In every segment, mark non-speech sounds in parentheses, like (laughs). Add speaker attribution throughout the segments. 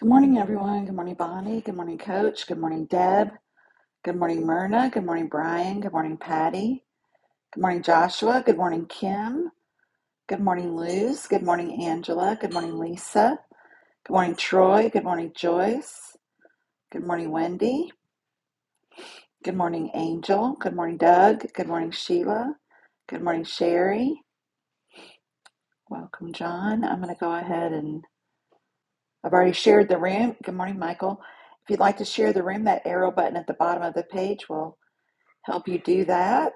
Speaker 1: Good morning, everyone. Good morning, Bonnie. Good morning, Coach. Good morning, Deb. Good morning, Myrna. Good morning, Brian. Good morning, Patty. Good morning, Joshua. Good morning, Kim. Good morning, Luz. Good morning, Angela. Good morning, Lisa. Good morning, Troy. Good morning, Joyce. Good morning, Wendy. Good morning, Angel. Good morning, Doug. Good morning, Sheila. Good morning, Sherry. Welcome, John. I'm going to go ahead and I've already shared the room. Good morning, Michael. If you'd like to share the room, that arrow button at the bottom of the page will help you do that.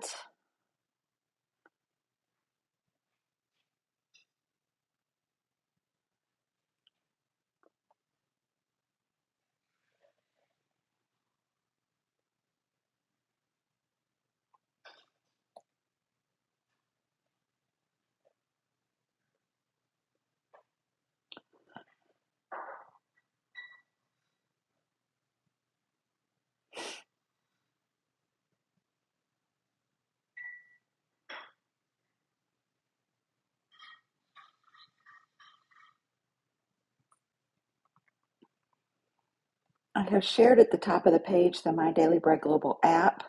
Speaker 1: I have shared at the top of the page the My Daily Bread Global app.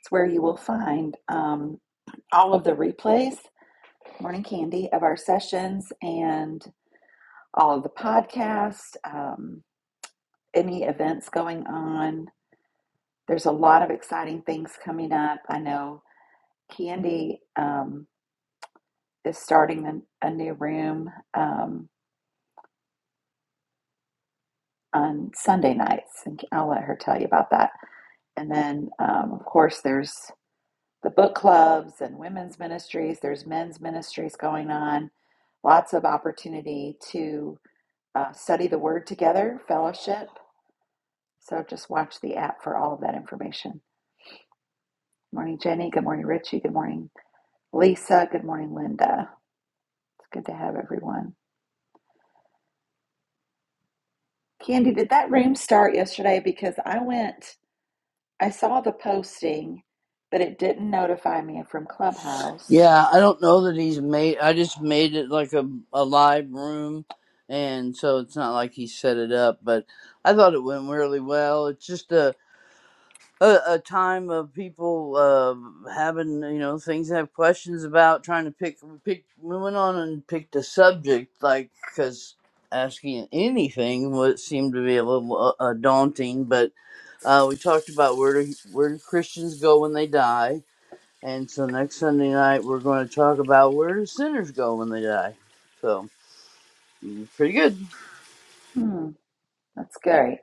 Speaker 1: It's where you will find um, all of the replays, morning candy of our sessions, and all of the podcasts, um, any events going on. There's a lot of exciting things coming up. I know Candy um, is starting a, a new room um, on Sunday nights, and I'll let her tell you about that. And then, um, of course, there's the book clubs and women's ministries. There's men's ministries going on. Lots of opportunity to uh, study the Word together, fellowship. So just watch the app for all of that information. Good Morning, Jenny. Good morning, Richie. Good morning, Lisa. Good morning, Linda. It's good to have everyone. Candy, did that room start yesterday? Because I went, I saw the posting, but it didn't notify me from Clubhouse.
Speaker 2: Yeah, I don't know that he's made. I just made it like a a live room, and so it's not like he set it up. But I thought it went really well. It's just a a, a time of people uh, having you know things they have questions about, trying to pick pick. We went on and picked a subject like because asking anything would seemed to be a little uh, uh, daunting. But uh, we talked about where do where do Christians go when they die and so next Sunday night, we're going to talk about where do sinners go when they die. So, mm, pretty good.
Speaker 1: Hmm, that's great.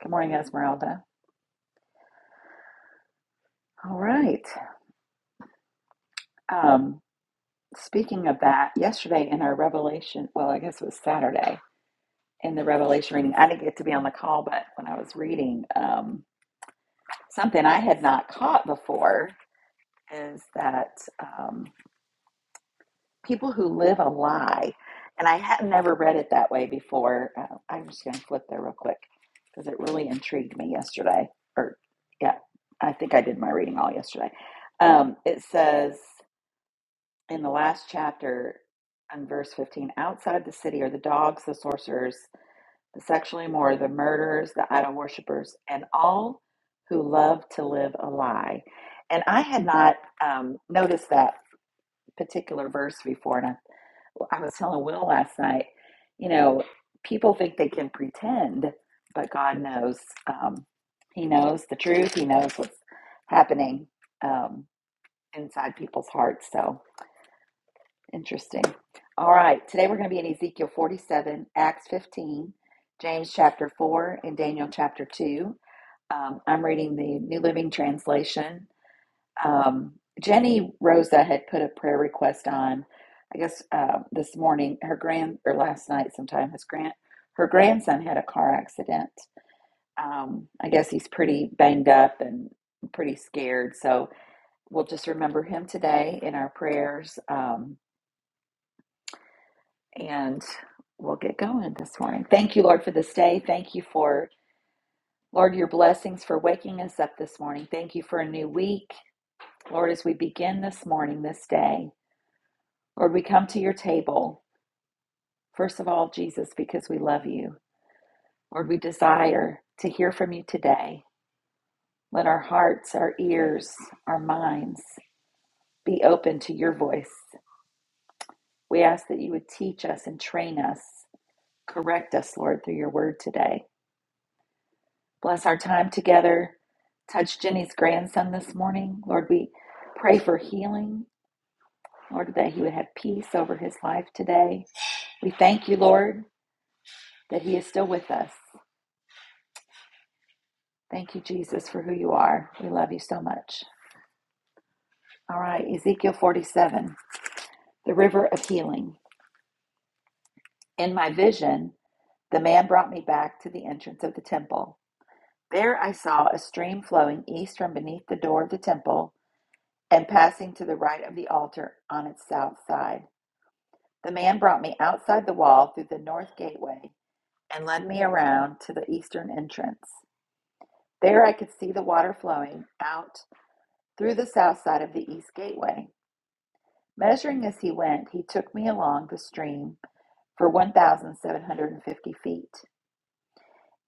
Speaker 1: Good morning, Esmeralda. All right. Um, Speaking of that, yesterday in our Revelation, well, I guess it was Saturday in the Revelation reading, I didn't get to be on the call, but when I was reading, um, something I had not caught before is that um, people who live a lie, and I had never read it that way before. Uh, I'm just going to flip there real quick because it really intrigued me yesterday. Or, yeah, I think I did my reading all yesterday. Um, it says, in the last chapter on verse 15 outside the city are the dogs the sorcerers the sexually immoral the murderers the idol worshippers and all who love to live a lie and i had not um, noticed that particular verse before and I, well, I was telling will last night you know people think they can pretend but god knows um, he knows the truth he knows what's happening um, inside people's hearts so Interesting. All right. Today we're going to be in Ezekiel 47, Acts 15, James chapter 4, and Daniel chapter 2. Um, I'm reading the New Living Translation. Um, Jenny Rosa had put a prayer request on, I guess uh, this morning, her grand, or last night sometime, his grand, her grandson had a car accident. Um, I guess he's pretty banged up and pretty scared. So we'll just remember him today in our prayers. Um, And we'll get going this morning. Thank you, Lord, for this day. Thank you for, Lord, your blessings for waking us up this morning. Thank you for a new week. Lord, as we begin this morning, this day, Lord, we come to your table. First of all, Jesus, because we love you. Lord, we desire to hear from you today. Let our hearts, our ears, our minds be open to your voice. We ask that you would teach us and train us, correct us, Lord, through your word today. Bless our time together. Touch Jenny's grandson this morning. Lord, we pray for healing. Lord, that he would have peace over his life today. We thank you, Lord, that he is still with us. Thank you, Jesus, for who you are. We love you so much. All right, Ezekiel 47, the river of healing. In my vision, the man brought me back to the entrance of the temple. There I saw a stream flowing east from beneath the door of the temple and passing to the right of the altar on its south side. The man brought me outside the wall through the north gateway and led me around to the eastern entrance. There I could see the water flowing out through the south side of the east gateway. Measuring as he went, he took me along the stream for 1,750 feet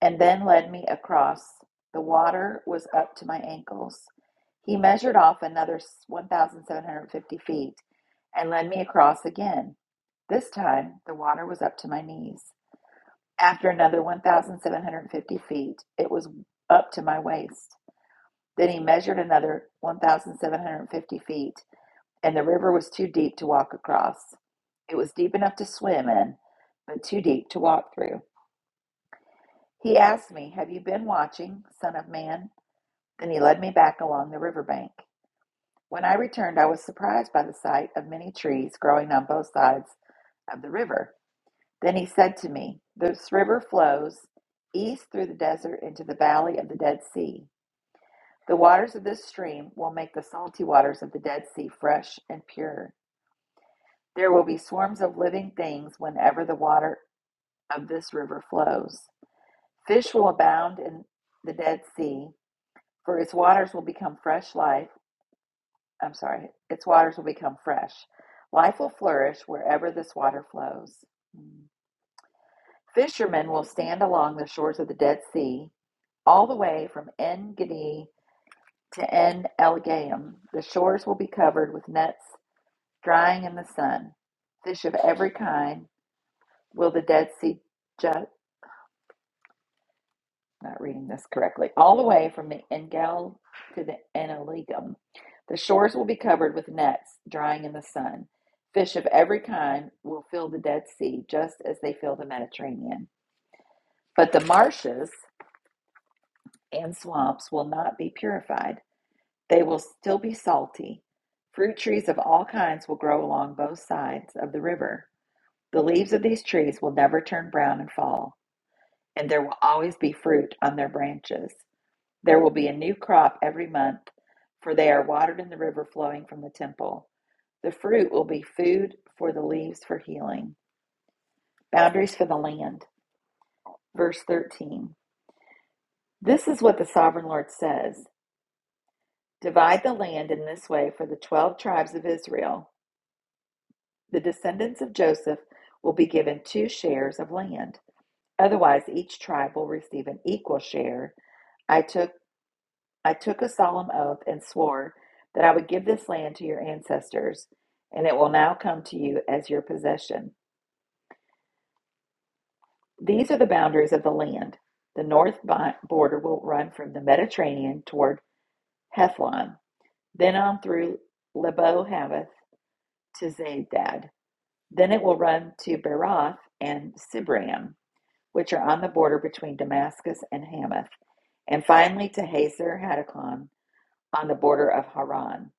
Speaker 1: and then led me across. The water was up to my ankles. He measured off another 1,750 feet and led me across again. This time the water was up to my knees. After another 1,750 feet, it was up to my waist. Then he measured another 1,750 feet, and the river was too deep to walk across. It was deep enough to swim in, but too deep to walk through. He asked me, Have you been watching, son of man? Then he led me back along the river bank. When I returned, I was surprised by the sight of many trees growing on both sides of the river. Then he said to me, This river flows east through the desert into the valley of the Dead Sea. The waters of this stream will make the salty waters of the Dead Sea fresh and pure. There will be swarms of living things whenever the water of this river flows. Fish will abound in the Dead Sea, for its waters will become fresh life. I'm sorry, its waters will become fresh. Life will flourish wherever this water flows. Hmm. Fishermen will stand along the shores of the Dead Sea All the way from En Gedi to En Elegam, the shores will be covered with nets drying in the sun. Fish of every kind will the Dead Sea ju- not reading this correctly. All the way from the Engel to the Enelegum, the shores will be covered with nets drying in the sun. Fish of every kind will fill the Dead Sea just as they fill the Mediterranean. But the marshes and swamps will not be purified They will still be salty. Fruit trees of all kinds will grow along both sides of the river. The leaves of these trees will never turn brown and fall, and there will always be fruit on their branches. There will be a new crop every month, for they are watered in the river flowing from the temple. The fruit will be food for the leaves for healing. Boundaries for the land. Verse 13. This is what the sovereign Lord says Divide the land in this way for the 12 tribes of Israel. The descendants of Joseph will be given two shares of land. Otherwise, each tribe will receive an equal share. I took I took a solemn oath and swore that I would give this land to your ancestors, and it will now come to you as your possession. These are the boundaries of the land. The north border will run from the Mediterranean toward Hethlon, then on through Lebo Hamath to Zedad. Then it will run to Berath and Sibram. which are on the border between Damascus and Hamath, and finally to Hazer Hadakon on the border of Haran.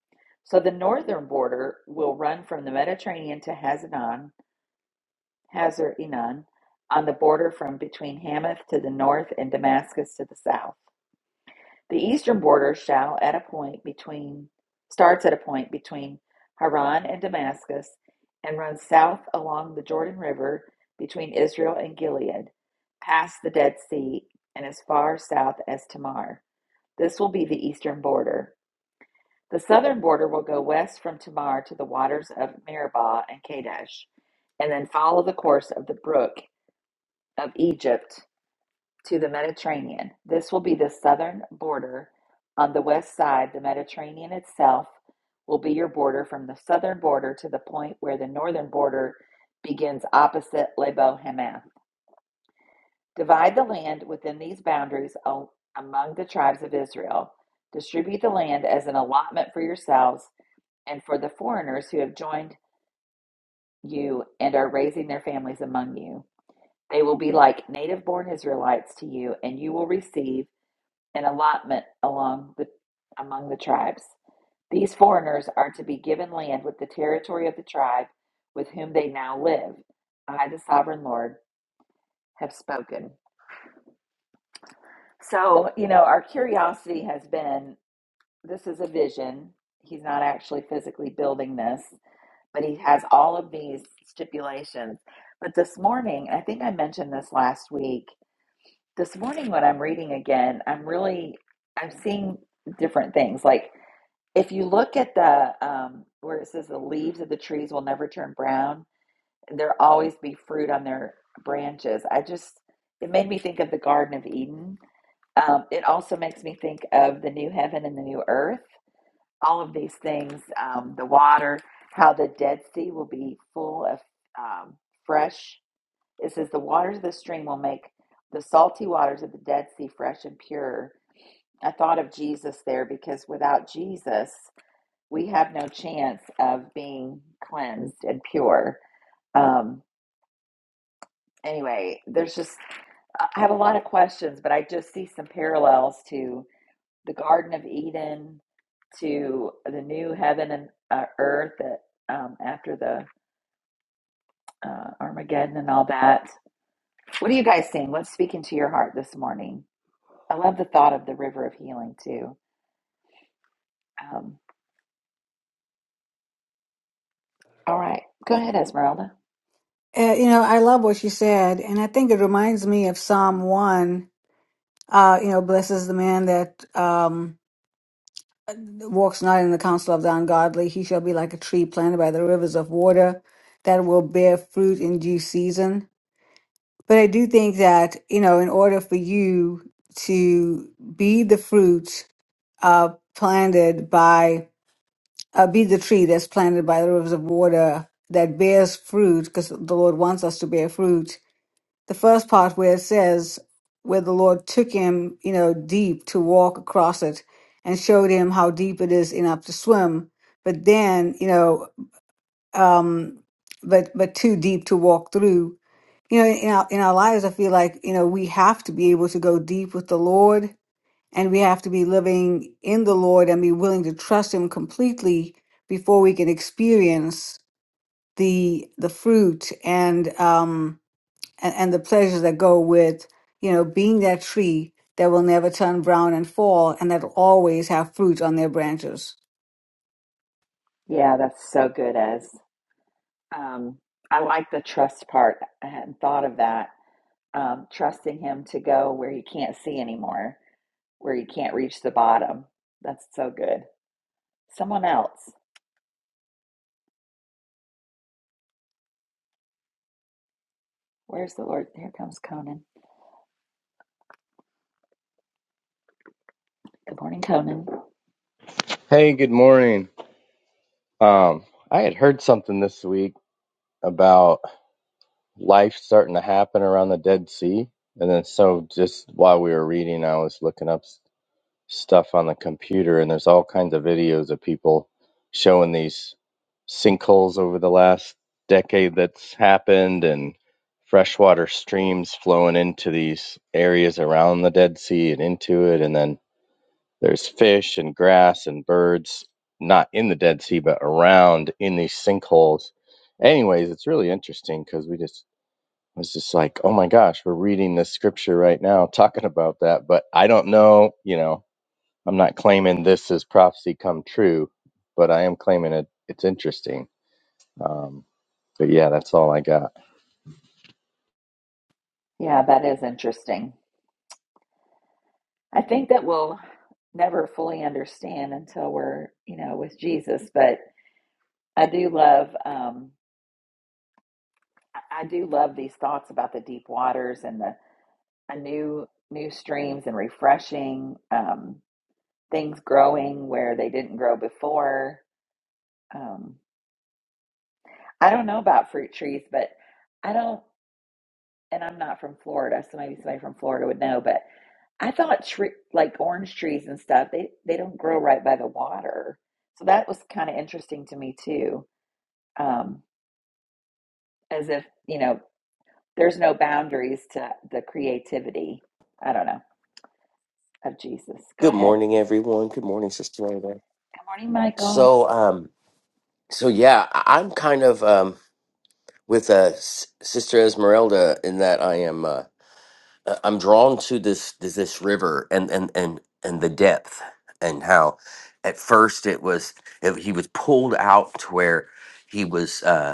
Speaker 1: So the northern border will run from the Mediterranean to Hazanon, Hazar Enon, on the border from between Hamath to the north and Damascus to the south. The eastern border shall at a point between starts at a point between Haran and Damascus and runs south along the Jordan River between Israel and Gilead, past the Dead Sea and as far south as Tamar. This will be the eastern border. The southern border will go west from Tamar to the waters of Meribah and Kadesh, and then follow the course of the brook of Egypt to the Mediterranean. This will be the southern border. On the west side, the Mediterranean itself will be your border from the southern border to the point where the northern border begins opposite Lebo Hamath. Divide the land within these boundaries among the tribes of Israel. Distribute the land as an allotment for yourselves and for the foreigners who have joined you and are raising their families among you. They will be like native born Israelites to you, and you will receive an allotment along the among the tribes. These foreigners are to be given land with the territory of the tribe with whom they now live. I, the sovereign Lord, have spoken. So, you know, our curiosity has been this is a vision. He's not actually physically building this, but he has all of these stipulations. But this morning, I think I mentioned this last week. This morning, when I'm reading again, I'm really I'm seeing different things. Like if you look at the um, where it says the leaves of the trees will never turn brown, and there always be fruit on their branches. I just it made me think of the Garden of Eden. Um, it also makes me think of the new heaven and the new earth. All of these things, um, the water, how the Dead Sea will be full of um, fresh. It says the waters of the stream will make the salty waters of the Dead Sea fresh and pure. I thought of Jesus there because without Jesus, we have no chance of being cleansed and pure. Um, anyway, there's just, I have a lot of questions, but I just see some parallels to the Garden of Eden, to the new heaven and uh, earth that um, after the uh, Armageddon and all that. What are you guys seeing? What's speaking to your heart this morning? I love the thought of the river of healing too. Um, all right, go ahead, Esmeralda.
Speaker 3: Uh, you know, I love what you said, and I think it reminds me of Psalm one. Uh, you know, blesses the man that um, walks not in the counsel of the ungodly. He shall be like a tree planted by the rivers of water that will bear fruit in due season. But I do think that you know, in order for you to be the fruit uh, planted by, uh, be the tree that's planted by the rivers of water that bears fruit, because the Lord wants us to bear fruit the first part where it says where the Lord took him, you know, deep to walk across it and showed him how deep it is enough to swim, but then, you know, um, but but too deep to walk through. You know, in our in our lives, I feel like you know we have to be able to go deep with the Lord, and we have to be living in the Lord and be willing to trust Him completely before we can experience the the fruit and um and, and the pleasures that go with, you know, being that tree that will never turn brown and fall and that will always have fruit on their branches.
Speaker 1: Yeah, that's so good, Ez. Um, I like the trust part. I hadn't thought of that. Um, trusting him to go where you can't see anymore, where you can't reach the bottom. That's so good. Someone else. Where's the Lord? Here comes Conan. Good morning, Conan.
Speaker 4: Hey, good morning. Um, I had heard something this week about life starting to happen around the Dead Sea. And then, so just while we were reading, I was looking up s- stuff on the computer, and there's all kinds of videos of people showing these sinkholes over the last decade that's happened and freshwater streams flowing into these areas around the Dead Sea and into it. And then there's fish and grass and birds, not in the Dead Sea, but around in these sinkholes. Anyways, it's really interesting because we just I was just like, oh my gosh, we're reading this scripture right now talking about that. But I don't know, you know, I'm not claiming this is prophecy come true, but I am claiming it. It's interesting. Um, but yeah, that's all I got.
Speaker 1: Yeah, that is interesting. I think that we'll never fully understand until we're, you know, with Jesus. But I do love, um, I I do love these thoughts about the deep waters and the a new new streams and refreshing. Um, things growing where they didn't grow before. Um, I don't know about fruit trees, but I don't, and I'm not from Florida, so maybe somebody from Florida would know. But I thought tre like orange trees and stuff, they they don't grow right by the water, so that was kind of interesting to me too. Um, as if you know, there's no boundaries to the creativity. I don't know of Jesus. Go
Speaker 5: Good
Speaker 1: ahead.
Speaker 5: morning, everyone. Good morning, Sister Rhoda.
Speaker 1: Good morning, Michael.
Speaker 5: So, um, so yeah, I- I'm kind of um, with uh, S- Sister Esmeralda in that I am uh, uh, I'm drawn to this this, this river and, and and and the depth and how at first it was it, he was pulled out to where he was. uh,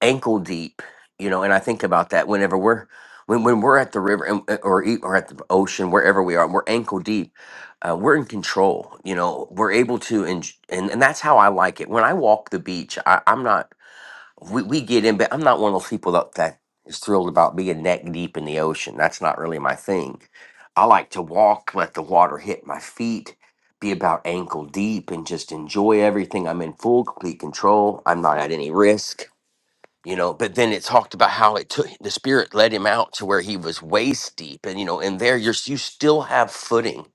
Speaker 5: ankle deep, you know. And I think about that whenever we're when, when we're at the river and, uh, or e- or at the ocean, wherever we are, and we're ankle deep. Uh, we're in control, you know. We're able to, and, and and that's how I like it. When I walk the beach, I, I'm not. We, we get in, but I'm not one of those people that, that is thrilled about being neck deep in the ocean. That's not really my thing. I like to walk, let the water hit my feet, be about ankle deep, and just enjoy everything. I'm in full, complete control. I'm not at any risk you know but then it talked about how it took the spirit led him out to where he was waist deep and you know and there you're you still have footing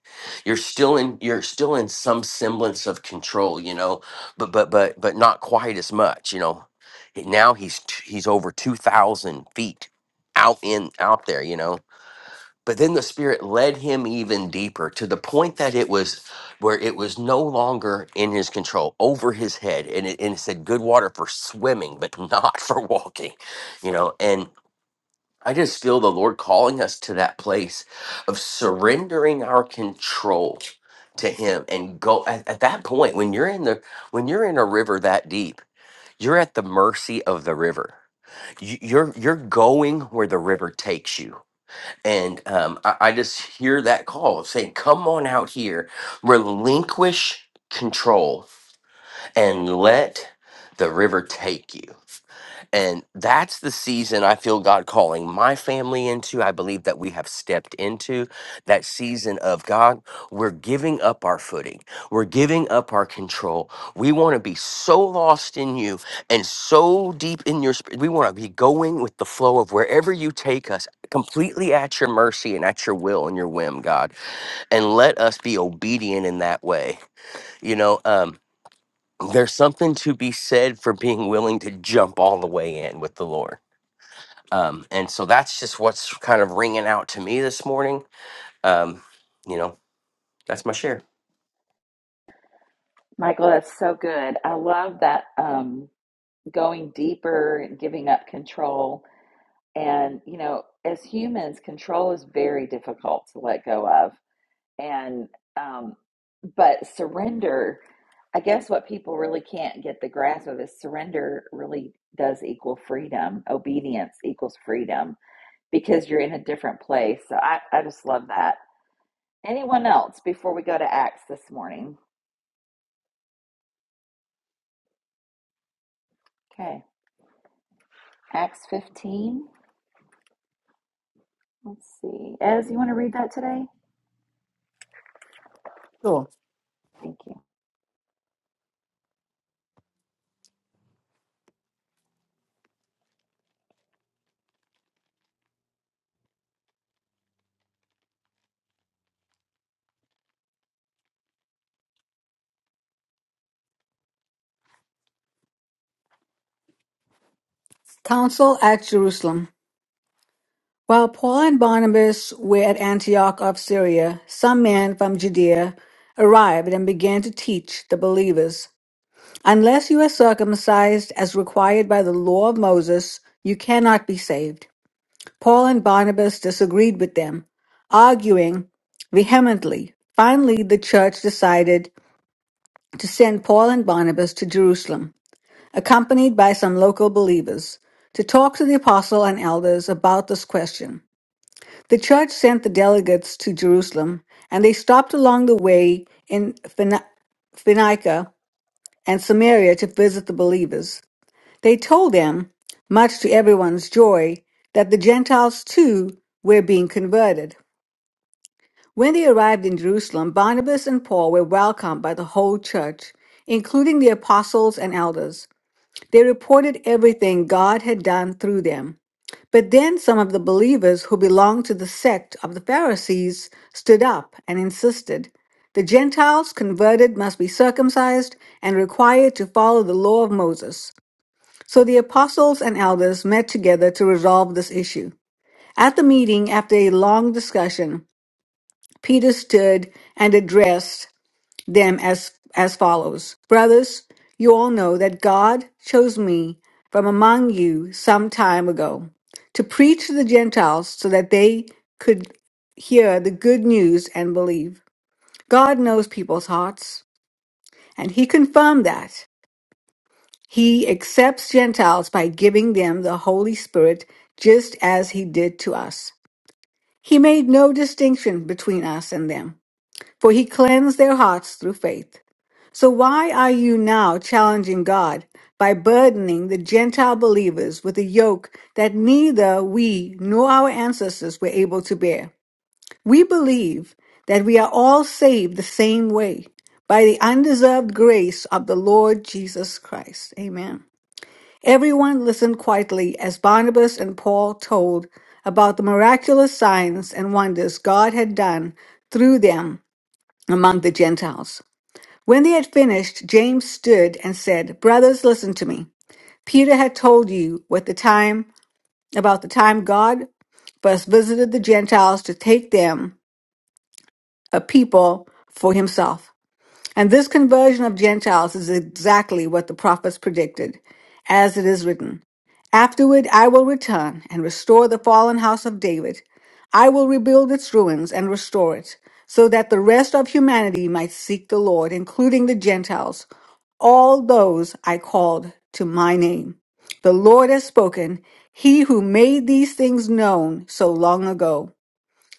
Speaker 5: you're still in you're still in some semblance of control you know but but but but not quite as much you know now he's t- he's over 2000 feet out in out there you know but then the spirit led him even deeper to the point that it was where it was no longer in his control over his head and it, and it said good water for swimming but not (laughs) for walking you know and i just feel the lord calling us to that place of surrendering our control to him and go at, at that point when you're in the when you're in a river that deep you're at the mercy of the river You- you're you're going where the river takes you and um, I, I just hear that call saying, Come on out here, relinquish control, and let the river take you. And that's the season I feel God calling my family into. I believe that we have stepped into that season of God. We're giving up our footing, we're giving up our control. We want to be so lost in you and so deep in your spirit. We want to be going with the flow of wherever you take us, completely at your mercy and at your will and your whim, God. And let us be obedient in that way. You know, um, there's something to be said for being willing to jump all the way in with the Lord um, and so that's just what's kind of ringing out to me this morning. Um, you know, that's my share.
Speaker 1: Michael, that's so good. I love that. Um, going deeper and giving up control. And, you know, as humans, control is very difficult to let go of. And, um, but surrender, I guess what people really can't get the grasp of is surrender really does equal freedom. Obedience equals freedom because you're in a different place. So I, I just love that. Anyone else before we go to Acts this morning? Okay. Acts 15. Let's see. Ez, you want to read that today?
Speaker 3: Sure.
Speaker 1: Thank you.
Speaker 3: Council at Jerusalem. While Paul and Barnabas were at Antioch of Syria, some men from Judea arrived and began to teach the believers Unless you are circumcised as required by the law of Moses, you cannot be saved. Paul and Barnabas disagreed with them, arguing vehemently. Finally, the church decided to send Paul and Barnabas to Jerusalem, accompanied by some local believers, to talk to the apostle and elders about this question. The church sent the delegates to Jerusalem, and they stopped along the way in Phini- Phoenicia and Samaria to visit the believers. They told them, much to everyone's joy, that the Gentiles too were being converted. When they arrived in Jerusalem, Barnabas and Paul were welcomed by the whole church, including the apostles and elders. They reported everything God had done through them. But then some of the believers who belonged to the sect of the Pharisees stood up and insisted the Gentiles converted must be circumcised and required to follow the law of Moses. So the apostles and elders met together to resolve this issue. At the meeting, after a long discussion, Peter stood and addressed them as, as follows Brothers, you all know that God chose me from among you some time ago to preach to the Gentiles so that they could hear the good news and believe. God knows people's hearts, and He confirmed that. He accepts Gentiles by giving them the Holy Spirit just as He did to us. He made no distinction between us and them for he cleansed their hearts through faith. So why are you now challenging God by burdening the Gentile believers with a yoke that neither we nor our ancestors were able to bear? We believe that we are all saved the same way by the undeserved grace of the Lord Jesus Christ. Amen. Everyone listened quietly as Barnabas and Paul told about the miraculous signs and wonders God had done through them among the Gentiles. When they had finished, James stood and said, Brothers, listen to me. Peter had told you what the time about the time God first visited the Gentiles to take them, a people, for himself. And this conversion of Gentiles is exactly what the prophets predicted, as it is written. Afterward I will return and restore the fallen house of David. I will rebuild its ruins and restore it, so that the rest of humanity might seek the Lord, including the Gentiles all those I called to my name. The Lord has spoken, he who made these things known so long ago.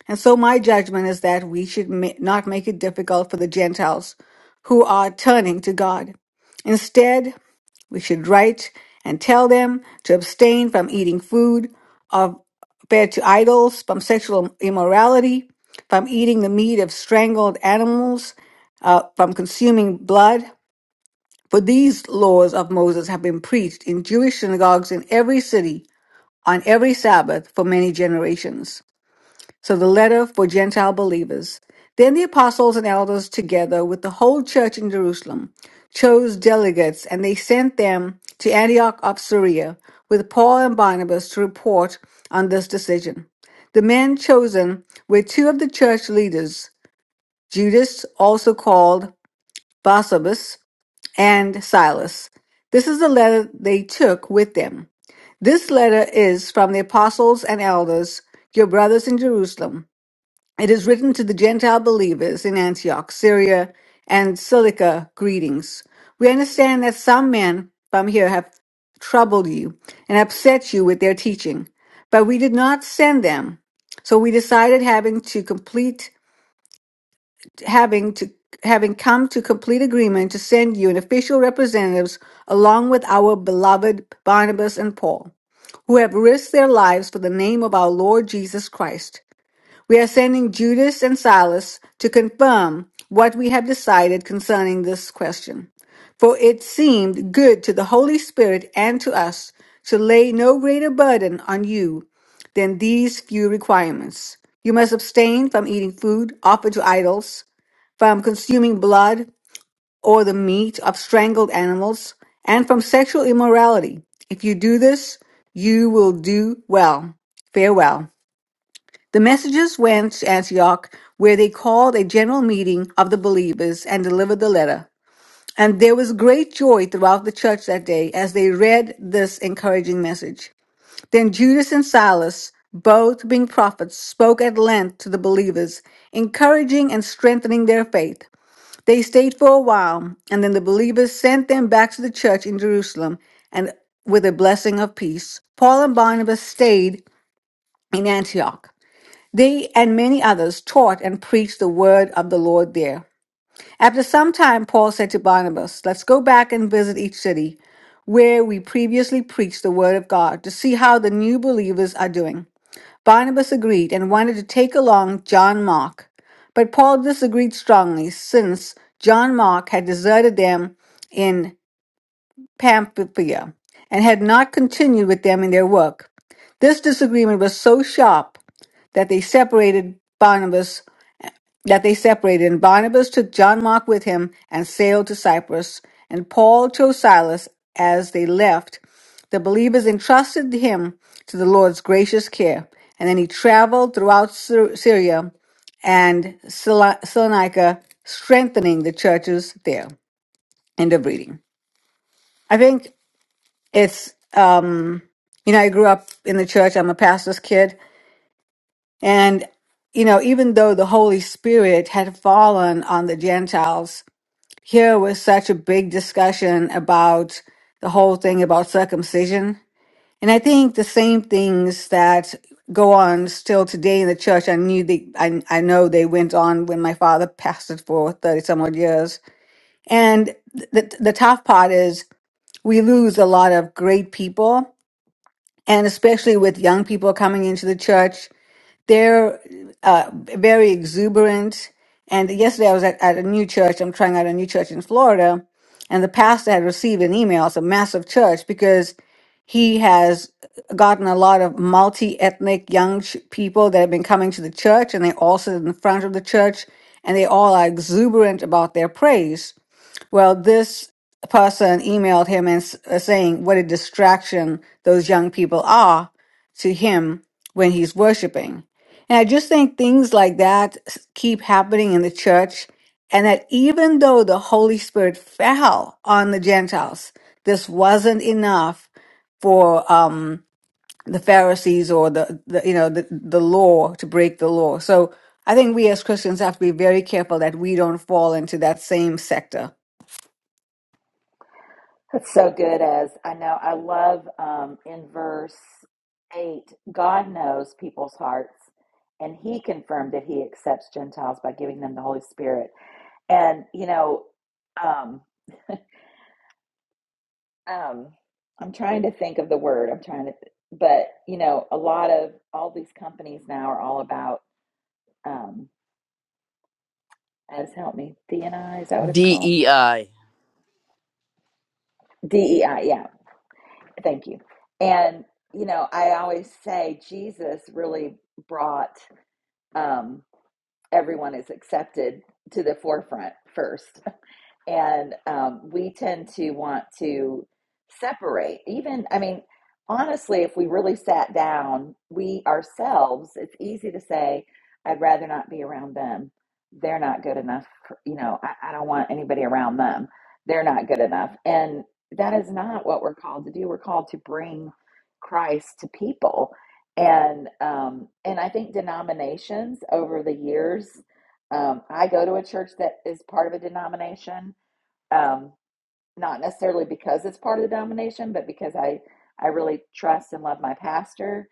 Speaker 3: And so my judgment is that we should ma- not make it difficult for the Gentiles who are turning to God. Instead, we should write and tell them to abstain from eating food prepared to idols, from sexual immorality, from eating the meat of strangled animals, uh, from consuming blood, for these laws of Moses have been preached in Jewish synagogues in every city on every Sabbath for many generations. So the letter for Gentile believers. Then the apostles and elders, together with the whole church in Jerusalem, chose delegates and they sent them to Antioch of Syria with Paul and Barnabas to report on this decision. The men chosen were two of the church leaders, Judas, also called Barsabas, and Silas. This is the letter they took with them. This letter is from the apostles and elders, your brothers in Jerusalem. It is written to the Gentile believers in Antioch, Syria, and Cilicia greetings. We understand that some men from here have troubled you and upset you with their teaching, but we did not send them. So we decided having to complete having to having come to complete agreement to send you an official representatives along with our beloved Barnabas and Paul, who have risked their lives for the name of our Lord Jesus Christ. We are sending Judas and Silas to confirm what we have decided concerning this question. For it seemed good to the Holy Spirit and to us to lay no greater burden on you than these few requirements. You must abstain from eating food offered to idols from consuming blood or the meat of strangled animals, and from sexual immorality. If you do this, you will do well. Farewell. The messengers went to Antioch, where they called a general meeting of the believers and delivered the letter. And there was great joy throughout the church that day as they read this encouraging message. Then Judas and Silas, both being prophets, spoke at length to the believers, encouraging and strengthening their faith. They stayed for a while, and then the believers sent them back to the church in Jerusalem and with a blessing of peace. Paul and Barnabas stayed in Antioch. They and many others taught and preached the word of the Lord there. After some time, Paul said to Barnabas, Let's go back and visit each city where we previously preached the word of God to see how the new believers are doing. Barnabas agreed and wanted to take along John Mark. But Paul disagreed strongly, since John Mark had deserted them in Pamphylia and had not continued with them in their work. This disagreement was so sharp that they separated Barnabas that they separated, and Barnabas took John Mark with him and sailed to Cyprus, and Paul chose Silas as they left. The believers entrusted him to the Lord's gracious care, and then he traveled throughout Syr- Syria and Sala- Salonica, strengthening the churches there. End of reading. I think it's, um, you know, I grew up in the church, I'm a pastor's kid, and you know, even though the Holy Spirit had fallen on the Gentiles here was such a big discussion about the whole thing about circumcision. And I think the same things that go on still today in the church. I knew they, I, I know they went on when my father pastored for 30 some odd years. And the, the tough part is we lose a lot of great people. And especially with young people coming into the church, they're uh, very exuberant. And yesterday I was at, at a new church. I'm trying out a new church in Florida. And the pastor had received an email. It's a massive church because he has gotten a lot of multi ethnic young ch- people that have been coming to the church. And they all sit in the front of the church and they all are exuberant about their praise. Well, this person emailed him and s- uh, saying what a distraction those young people are to him when he's worshiping. And I just think things like that s- keep happening in the church. And that even though the Holy Spirit fell on the Gentiles, this wasn't enough for um, the Pharisees or the, the you know the, the law to break the law. So I think we as Christians have to be very careful that we don't fall into that same sector
Speaker 1: That's so good, as I know. I love um, in verse 8 God knows people's hearts, and He confirmed that He accepts Gentiles by giving them the Holy Spirit. And, you know, um, um, I'm trying to think of the word, I'm trying to, but, you know, a lot of all these companies now are all about, um, as help me, D and I is that what it's called?
Speaker 2: DEI.
Speaker 1: DEI, yeah, thank you. And, you know, I always say Jesus really brought. um, everyone is accepted to the forefront first and um, we tend to want to separate even i mean honestly if we really sat down we ourselves it's easy to say i'd rather not be around them they're not good enough for- you know I, I don't want anybody around them they're not good enough and that is not what we're called to do we're called to bring christ to people and um and i think denominations over the years um i go to a church that is part of a denomination um, not necessarily because it's part of the denomination, but because I I really trust and love my pastor,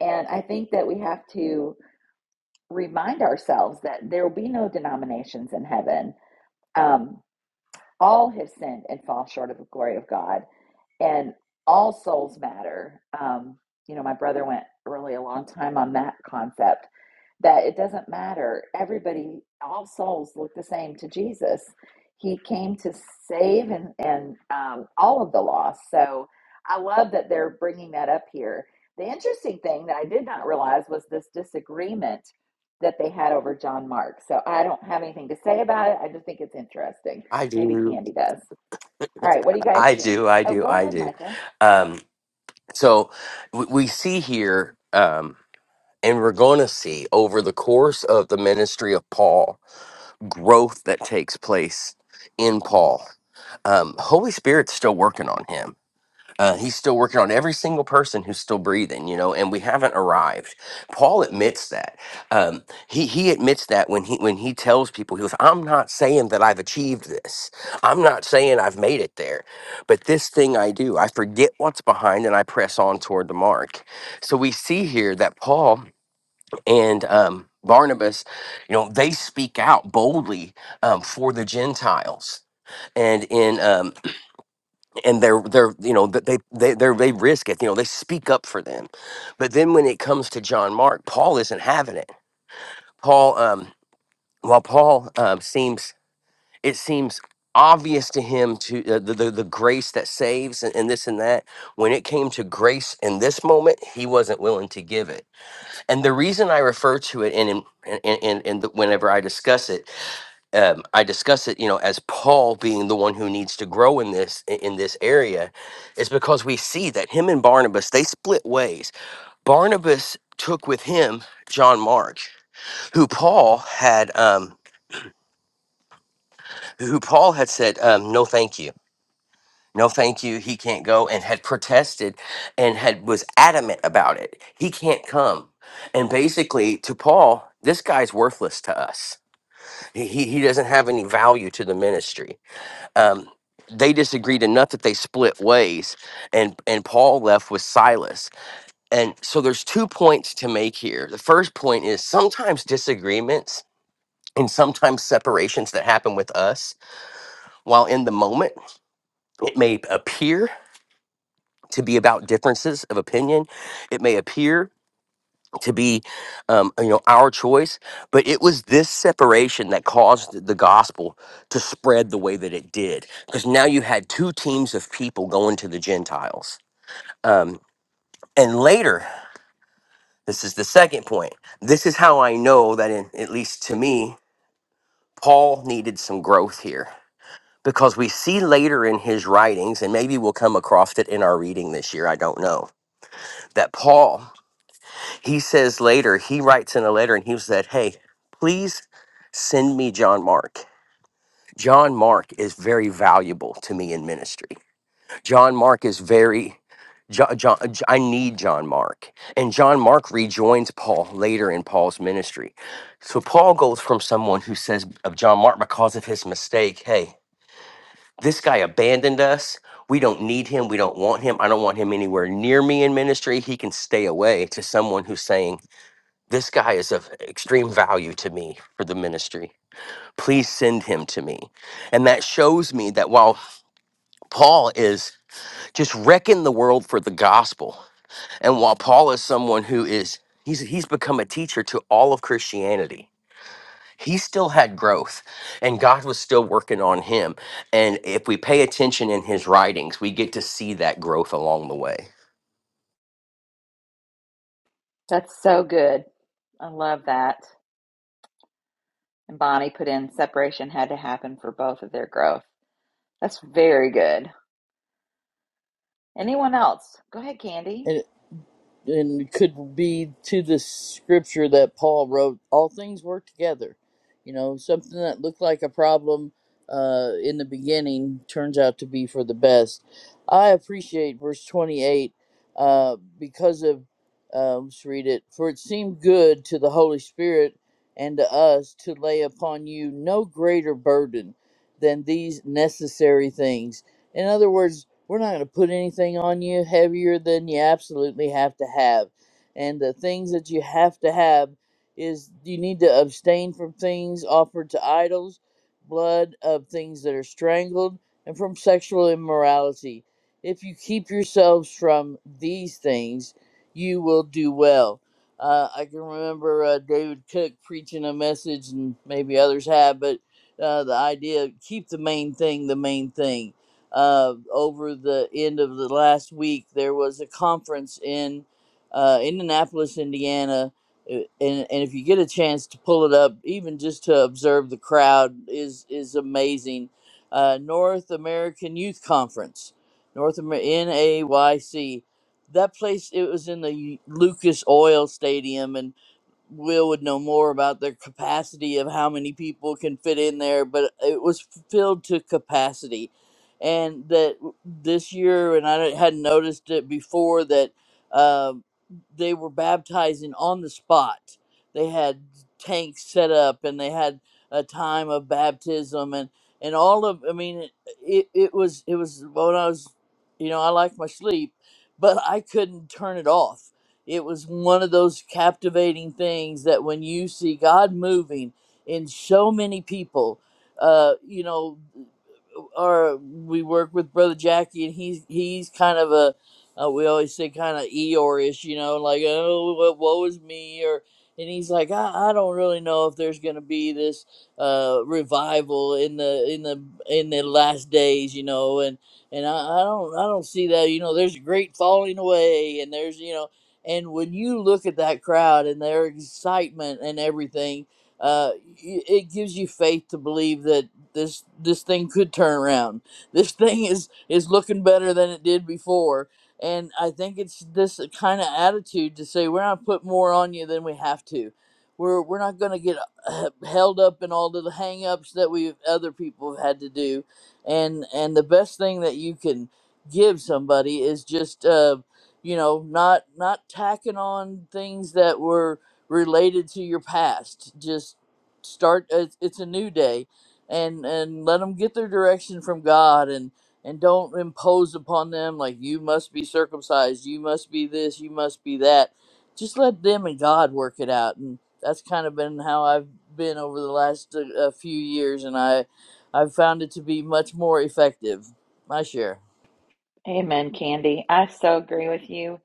Speaker 1: and I think that we have to remind ourselves that there will be no denominations in heaven. Um, all have sinned and fall short of the glory of God, and all souls matter. Um, you know, my brother went really a long time on that concept that it doesn't matter. Everybody, all souls look the same to Jesus. He came to save and, and um, all of the lost. So I love that they're bringing that up here. The interesting thing that I did not realize was this disagreement that they had over John Mark. So I don't have anything to say about it. I just think it's interesting.
Speaker 5: I
Speaker 1: Maybe
Speaker 5: do,
Speaker 1: Candy does. All right, what are you guys
Speaker 5: I
Speaker 1: seeing?
Speaker 5: do, I
Speaker 1: Oh,
Speaker 5: do,
Speaker 1: go
Speaker 5: I
Speaker 1: ahead,
Speaker 5: do.
Speaker 1: Michael.
Speaker 5: Um, so we, we see here, um, and we're going to see over the course of the ministry of Paul, growth that takes place in Paul. Um, Holy Spirit's still working on him uh, he's still working on every single person who's still breathing, you know, and we haven't arrived. Paul admits that. Um, he he admits that when he when he tells people, he goes, "I'm not saying that I've achieved this. I'm not saying I've made it there, but this thing I do, I forget what's behind and I press on toward the mark." So we see here that Paul and um, Barnabas, you know, they speak out boldly um, for the Gentiles. And in um, and they're they're you know that they they they're, they risk it you know they speak up for them but then when it comes to john mark paul isn't having it paul um while paul um seems it seems obvious to him to uh, the, the the grace that saves and, and this and that when it came to grace in this moment he wasn't willing to give it and the reason i refer to it and in and and, the, whenever i discuss it um, I discuss it, you know, as Paul being the one who needs to grow in this i- in this area, is because we see that him and Barnabas they split ways. Barnabas took with him John Mark, who Paul had um, who Paul had said um, no, thank you. No, thank you. He can't go, and had protested, and had was adamant about it. He can't come, and basically to Paul, this guy's worthless to us. He he he doesn't have any value to the ministry um, they disagreed enough that they split ways and and paul left with silas and so there's two points to make here the first point is sometimes disagreements and sometimes separations that happen with us while in the moment it may appear to be about differences of opinion it may appear to be um, you know our choice but it was this separation that caused the gospel to spread the way that it did because now you had two teams of people going to the gentiles um, and later this is the second point this is how i know that in, at least to me paul needed some growth here because we see later in his writings and maybe we'll come across it in our reading this year i don't know that paul He says later, he writes in a letter and he said, Hey, please send me John Mark. John Mark is very valuable to me in ministry. John Mark is very, Jo- Jo- J- I need John Mark. And John Mark rejoins Paul later in Paul's ministry. So Paul goes from someone who says of John Mark because of his mistake, Hey, this guy abandoned us. We don't need him. We don't want him. I don't want him anywhere near me in ministry. He can stay away to someone who's saying, this guy is of extreme value to me for the ministry. Please send him to me. And that shows me that while Paul is just wrecking the world for the gospel, and while Paul is someone who is, he's, he's become a teacher to all of Christianity he still had growth and God was still working on him. And if we pay attention in his writings, we get to see that growth along the way.
Speaker 1: That's so good. I love that. And Bonnie put in separation had to happen for both of their growth. That's very good. Anyone else? Go ahead, Candy.
Speaker 2: and it could be to the scripture that Paul wrote, all things work together. You know, something that looked like a problem uh, in the beginning turns out to be for the best. I appreciate verse 28 uh, because of, uh, let's read it, for it seemed good to the Holy Spirit and to us to lay upon you no greater burden than these necessary things in other words, we're not going to put anything on you heavier than you absolutely have to have. And the things that you have to have is you need to abstain from things offered to idols, blood of things that are strangled, and from sexual immorality. If you keep yourselves from these things, you will do well. Uh, I can remember uh, David Cook preaching a message, and maybe others have, but uh, the idea of keep the main thing the main thing uh, over the end of the last week, there was a conference in uh, Indianapolis, Indiana. Uh, And, and if you get a chance to pull it up, even just to observe the crowd is is amazing. Uh, North American Youth Conference, North Amer- NAYC. That place it was in the Lucas Oil Stadium, and. Will would know more about their capacity of how many people can fit in there, but it was filled to capacity. And that this year, and I hadn't noticed it before, that um they were baptizing on the spot. They had tanks set up and they had a time of baptism and, and all of, I mean, it, it was, it was when I was, you know, I like my sleep, but I couldn't turn it off it was one of those captivating things that when you see God moving in so many people, uh, you know or we work with brother Jackie, and he's he's kind of a uh, we always say kind of Eeyore-ish, you know, like oh what woe is me, or and he's like I, I don't really know if there's gonna be this uh, revival in the in the in the last days, you know, and and I, I don't I don't see that, you know, there's a great falling away, and there's you know, and when you look at that crowd and their excitement and everything. Uh, y- it gives you faith to believe that this this thing could turn around. This thing is is looking better than it did before. And I think it's this kind of attitude to say we're not put more on you than we have to. We're we're not going to get uh, (clears throat) held up in all of the hang-ups that we other people have had to do. And and the best thing that you can give somebody is just uh you know not not tacking on things that were related to your past. Just start it's, it's a new day and and let them get their direction from God and and don't impose upon them like you must be circumcised, you must be this, you must be that. Just let them and God work it out, and that's kind of been how I've been over the last uh, uh, few years, and I I've found it to be much more effective. My share.
Speaker 1: Amen, Candy. I so agree with you.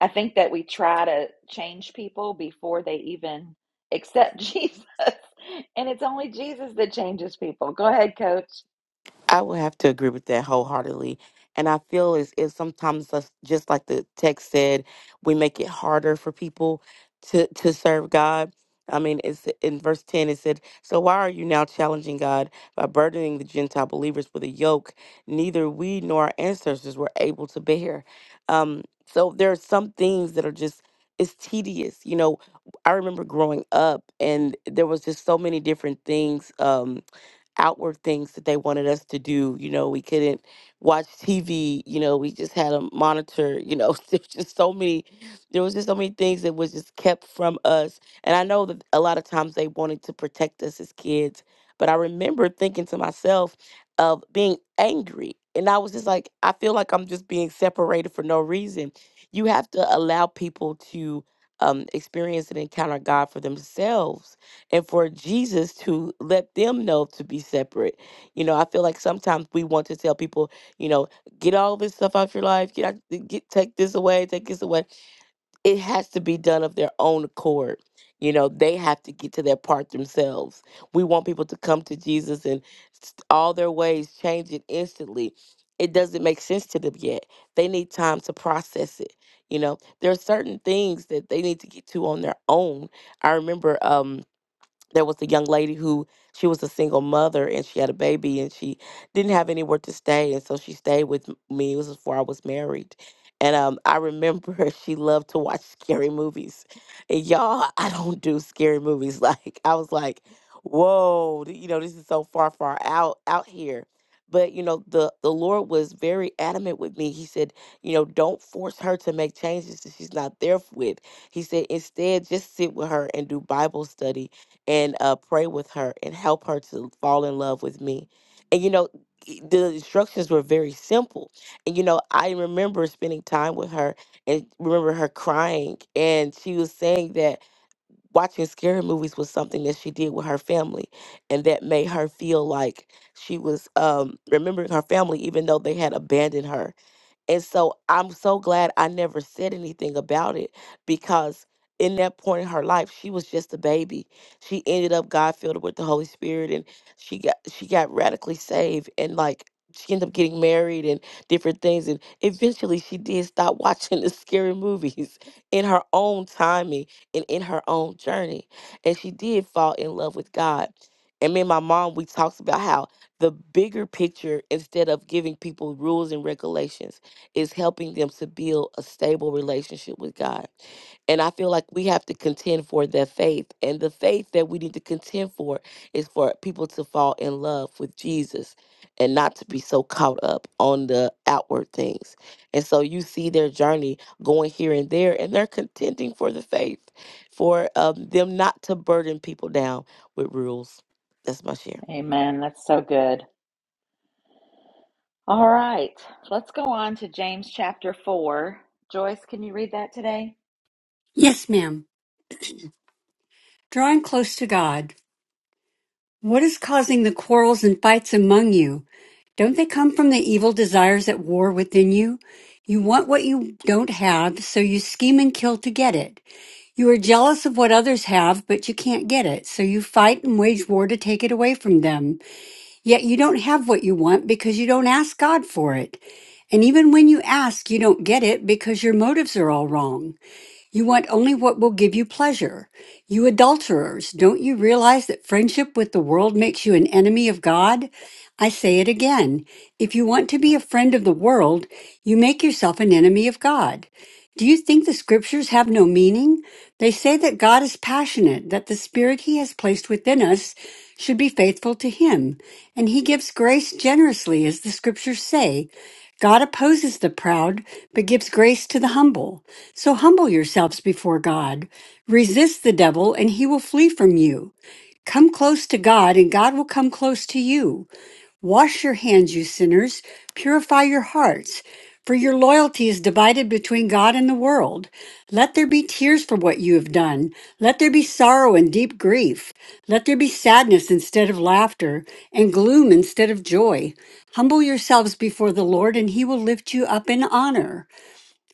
Speaker 1: I think that we try to change people before they even accept (laughs) Jesus. And it's only Jesus that changes people. Go ahead, coach.
Speaker 6: I would have to agree with that wholeheartedly. And I feel is is sometimes us- just like the text said, we make it harder for people to to serve God. I mean, it's in verse ten. It said, "So why are you now challenging God by burdening the Gentile believers with a yoke neither we nor our ancestors were able to bear?" Um, so there are some things that are just it's tedious. You know, I remember growing up, and there was just so many different things. Um, outward things that they wanted us to do. You know, we couldn't watch TV. You know, we just had a monitor. You know, (laughs) there's just so many. There was just so many things that was just kept from us. And I know that a lot of times they wanted to protect us as kids. But I remember thinking to myself of being angry. And I was just like, I feel like I'm just being separated for no reason. You have to allow people to um, experience and encounter God for themselves and for Jesus to let them know to be separate. You know, I feel like sometimes we want to tell people, you know, get all this stuff out your life, get out, get take this away, take this away. It has to be done of their own accord. You know, they have to get to that part themselves. We want people to come to Jesus and s- all their ways change it instantly. It doesn't make sense to them yet. They need time to process it. You know, there are certain things that they need to get to on their own. I remember um there was a young lady who she was a single mother and she had a baby and she didn't have anywhere to stay and so she stayed with m- me. It was before I was married. And um, I remember (laughs) she loved to watch scary movies. And y'all, I don't do scary movies. (laughs) Like I was like, whoa, th- you know, this is so far, far out out here. But you know, the the Lord was very adamant with me. He said, you know, don't force her to make changes that she's not there with. He said, instead, just sit with her and do Bible study and uh, pray with her and help her to fall in love with me. And you know, i- the instructions were very simple. And you know, I remember spending time with her and remember her crying. And she was saying that watching scary movies was something that she did with her family and that made her feel like she was um, remembering her family, even though they had abandoned her and so I'm so glad I never said anything about it because in that point in her life, she was just a baby. She ended up God filled her with the Holy Spirit and she got she got radically saved and like she ended up getting married and different things and eventually she did stop (laughs) watching the scary movies (laughs) in her own timing and in her own journey. And she did fall in love with God. And me and my mom, we talked about how the bigger picture instead of giving people rules and regulations is helping them to build a stable relationship with God. And I feel like we have to contend for that faith. And the faith that we need to contend for is for people to fall in love with Jesus and not to be so caught up on the outward things. And so you see their journey going here and there, and they're contending for the faith, for um, them not to burden people down with rules. That's my share.
Speaker 1: Amen. That's so good. All right. Let's go on to James chapter 4. Joyce, can you read that today?
Speaker 7: Yes, ma'am. Drawing close to God. What is causing the quarrels and fights among you? Don't they come from the evil desires at war within you? You want what you don't have, so you scheme and kill to get it. You are jealous of what others have, but you can't get it, so you fight and wage war to take it away from them. Yet you don't have what you want because you don't ask God for it. And even when you ask, you don't get it because your motives are all wrong. You want only what will give you pleasure. You adulterers, don't you realize that friendship with the world makes you an enemy of God? I say it again. If you want to be a friend of the world, you make yourself an enemy of God. Do you think the scriptures have no meaning? They say that God is passionate, that the spirit he has placed within us should be faithful to him, and he gives grace generously, as the scriptures say. God opposes the proud, but gives grace to the humble. So humble yourselves before God. Resist the devil, and he will flee from you. Come close to God, and God will come close to you. Wash your hands, you sinners. Purify your hearts, for your loyalty is divided between God and the world. Let there be tears for what you have done. Let there be sorrow and deep grief. Let there be sadness instead of laughter, and gloom instead of joy. Humble yourselves before the Lord, and he will lift you up in honor.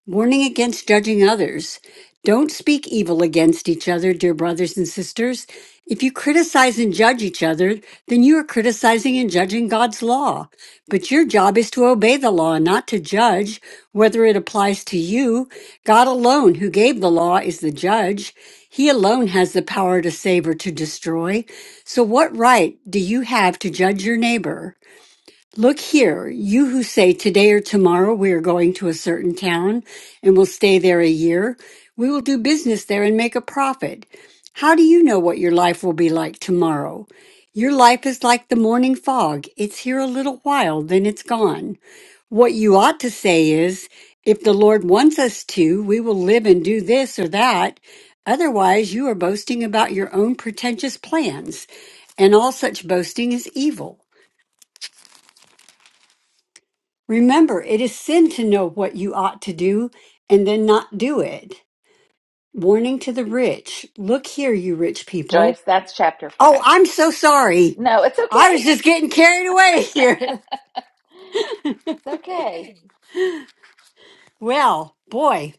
Speaker 7: Warning against judging others. Don't speak evil against each other, dear brothers and sisters. If you criticize and judge each other, then you are criticizing and judging God's law. But your job is to obey the law, not to judge whether it applies to you. God alone, who gave the law, is the judge. He alone has the power to save or to destroy. So, what right do you have to judge your neighbor? Look here, you who say today or tomorrow we are going to a certain town and will stay there a year, we will do business there and make a profit. How do you know what your life will be like tomorrow? Your life is like the morning fog. It's here a little while, then it's gone. What you ought to say is, if the Lord wants us to, we will live and do this or that. Otherwise, you are boasting about your own pretentious plans, and all such boasting is evil. Remember, it is sin to know what you ought to do and then not do it. Warning to the rich. Look here, you rich people.
Speaker 1: Joyce, that's chapter
Speaker 7: Oh,
Speaker 1: 5.
Speaker 7: I'm so sorry.
Speaker 1: No, it's
Speaker 7: I was
Speaker 1: okay.
Speaker 7: just getting carried away here. (laughs)
Speaker 1: It's okay.
Speaker 7: Well, boy,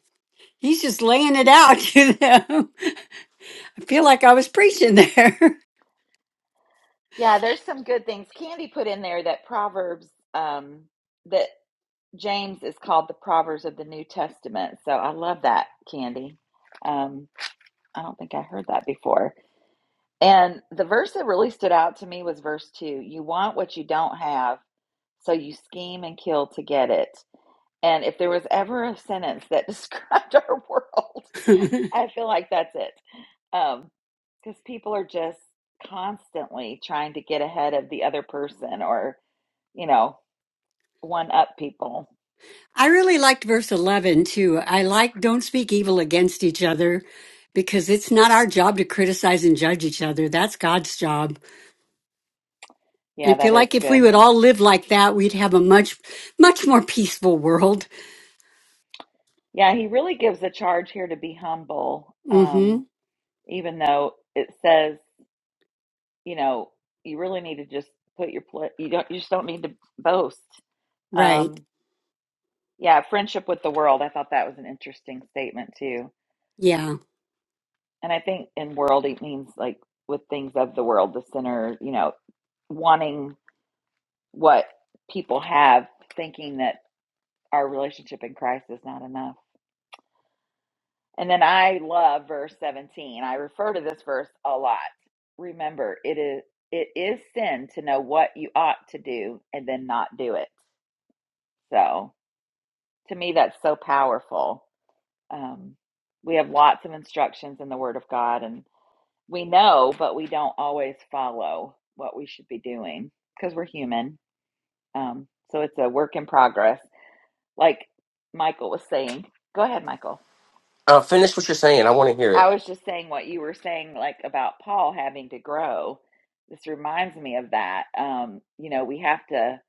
Speaker 7: he's just laying it out (laughs) to them. I feel like I was preaching there.
Speaker 1: Yeah, there's some good things. Candy put in there that Proverbs, um, that James is called the Proverbs of the New Testament. So I love that, Candy. Um, I don't think I heard that before. And the verse that really stood out to me was verse two. You want what you don't have, so you scheme and kill to get it. And if there was ever a sentence that (laughs) described our world,
Speaker 7: (laughs)
Speaker 1: I feel like that's it. Um, because people are just constantly trying to get ahead of the other person or, you know, one up people.
Speaker 7: I really liked verse 11 too. I like don't speak evil against each other because it's not our job to criticize and judge each other. That's God's job. I
Speaker 1: Yeah,
Speaker 7: feel
Speaker 1: that is
Speaker 7: like if we
Speaker 1: good.
Speaker 7: would all live like that, we'd have a much, much more peaceful world.
Speaker 1: Yeah, he really gives a charge here to be humble,
Speaker 7: hmm
Speaker 1: um, even though it says, you know, you really need to just put your pla you don't you just don't need to boast.
Speaker 7: Right.
Speaker 1: Um, yeah, friendship with the world. I thought that was an interesting statement too
Speaker 7: Yeah.
Speaker 1: And I think in world, it means like with things of the world, the sinner, you know, wanting what people have, thinking that our relationship in Christ is not enough. And then I love verse 17. I refer to this verse a lot. Remember, it is it is sin to know what you ought to do and then not do it. So to me, that's so powerful. Um, we have lots of instructions in the Word of God, and. we know, but we don't always follow what we should be doing because we're human. Um, so it's a work in progress. Like Michael was saying, go ahead, Michael.
Speaker 5: Uh, finish what you're saying. I want to hear it.
Speaker 1: I was just saying what you were saying, like about Paul having to grow. This reminds me of that. Um, you know, we have to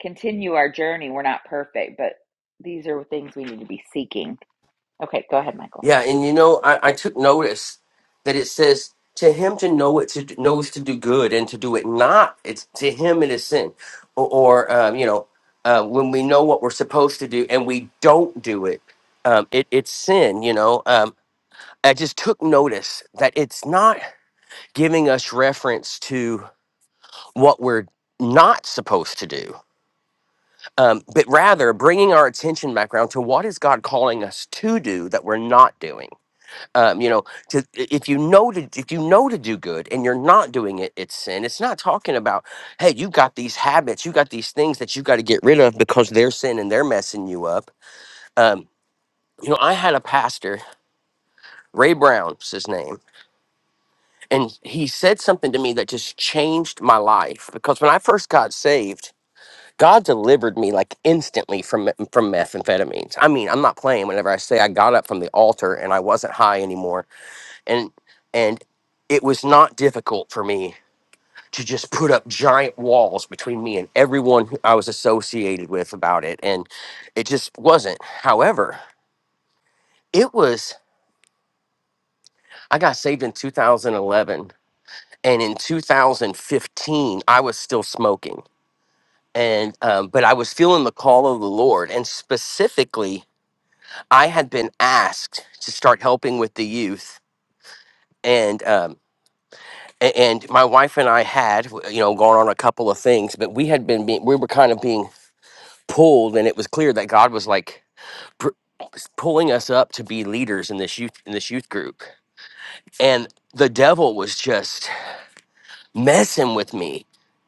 Speaker 1: continue our journey. We're not perfect, but these are things we need to be seeking. Okay, go ahead, Michael.
Speaker 5: Yeah, and you know, I, I took notice that it says to him to know it to do- knows to do good and to do it not. It's to him it is sin, or, or um, you know, uh, when we know what we're supposed to do and we don't do it, um, it it's sin. You know, um, I just took notice that it's not giving us reference to what we're not supposed to do, um, but rather bringing our attention back around to what is God calling us to do that we're not doing um, you know to if you know to if you know to do good and you're not doing it it's sin it's not talking about hey you got these habits you got these things that you got to get rid of because they're sin and they're messing you up um, you know i had a pastor ray brown's his name and he said something to me that just changed my life because when i first got saved God delivered me like instantly from me- from methamphetamines. I mean, I'm not playing whenever I say I got up from the altar and I wasn't high anymore and and it was not difficult for me to just put up giant walls between me and everyone who I was associated with about it and it just wasn't however it was I got saved in 2011 and in 2015 I was still smoking and um, but I was feeling the call of the Lord and specifically I had been asked to start helping with the youth and. um, A- and my wife and I had, you know, gone on a couple of things, but we had been being, we were kind of being pulled, and it was clear that God was like pr- pulling us up to be leaders in this youth in this youth group, and the devil was just messing with me,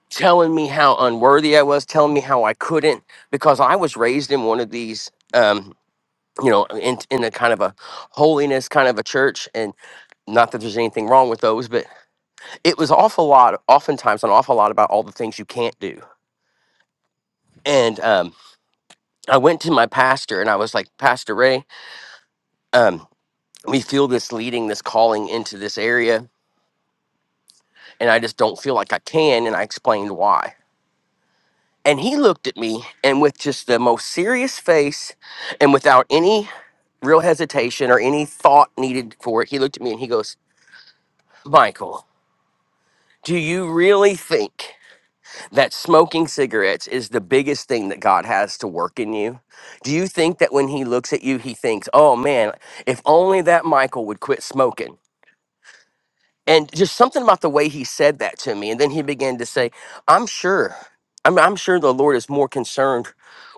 Speaker 5: telling me how unworthy I was, telling me how I couldn't, because I was raised in one of these. Um, you know, in in a kind of a holiness kind of a church, and not that there's anything wrong with those, but it was awful lot oftentimes an awful lot about all the things you can't do and um, i went to my pastor and i was like pastor ray um, we feel this leading this calling into this area and i just don't feel like i can and i explained why and he looked at me and with just the most serious face and without any real hesitation or any thought needed for it he looked at me and he goes michael do you really think that smoking cigarettes is the biggest thing that God has to work in you? Do you think that when He looks at you, He thinks, oh man, if only that Michael would quit smoking? And just something about the way He said that to me. And then He began to say, I'm sure. I'm, I'm sure the Lord is more concerned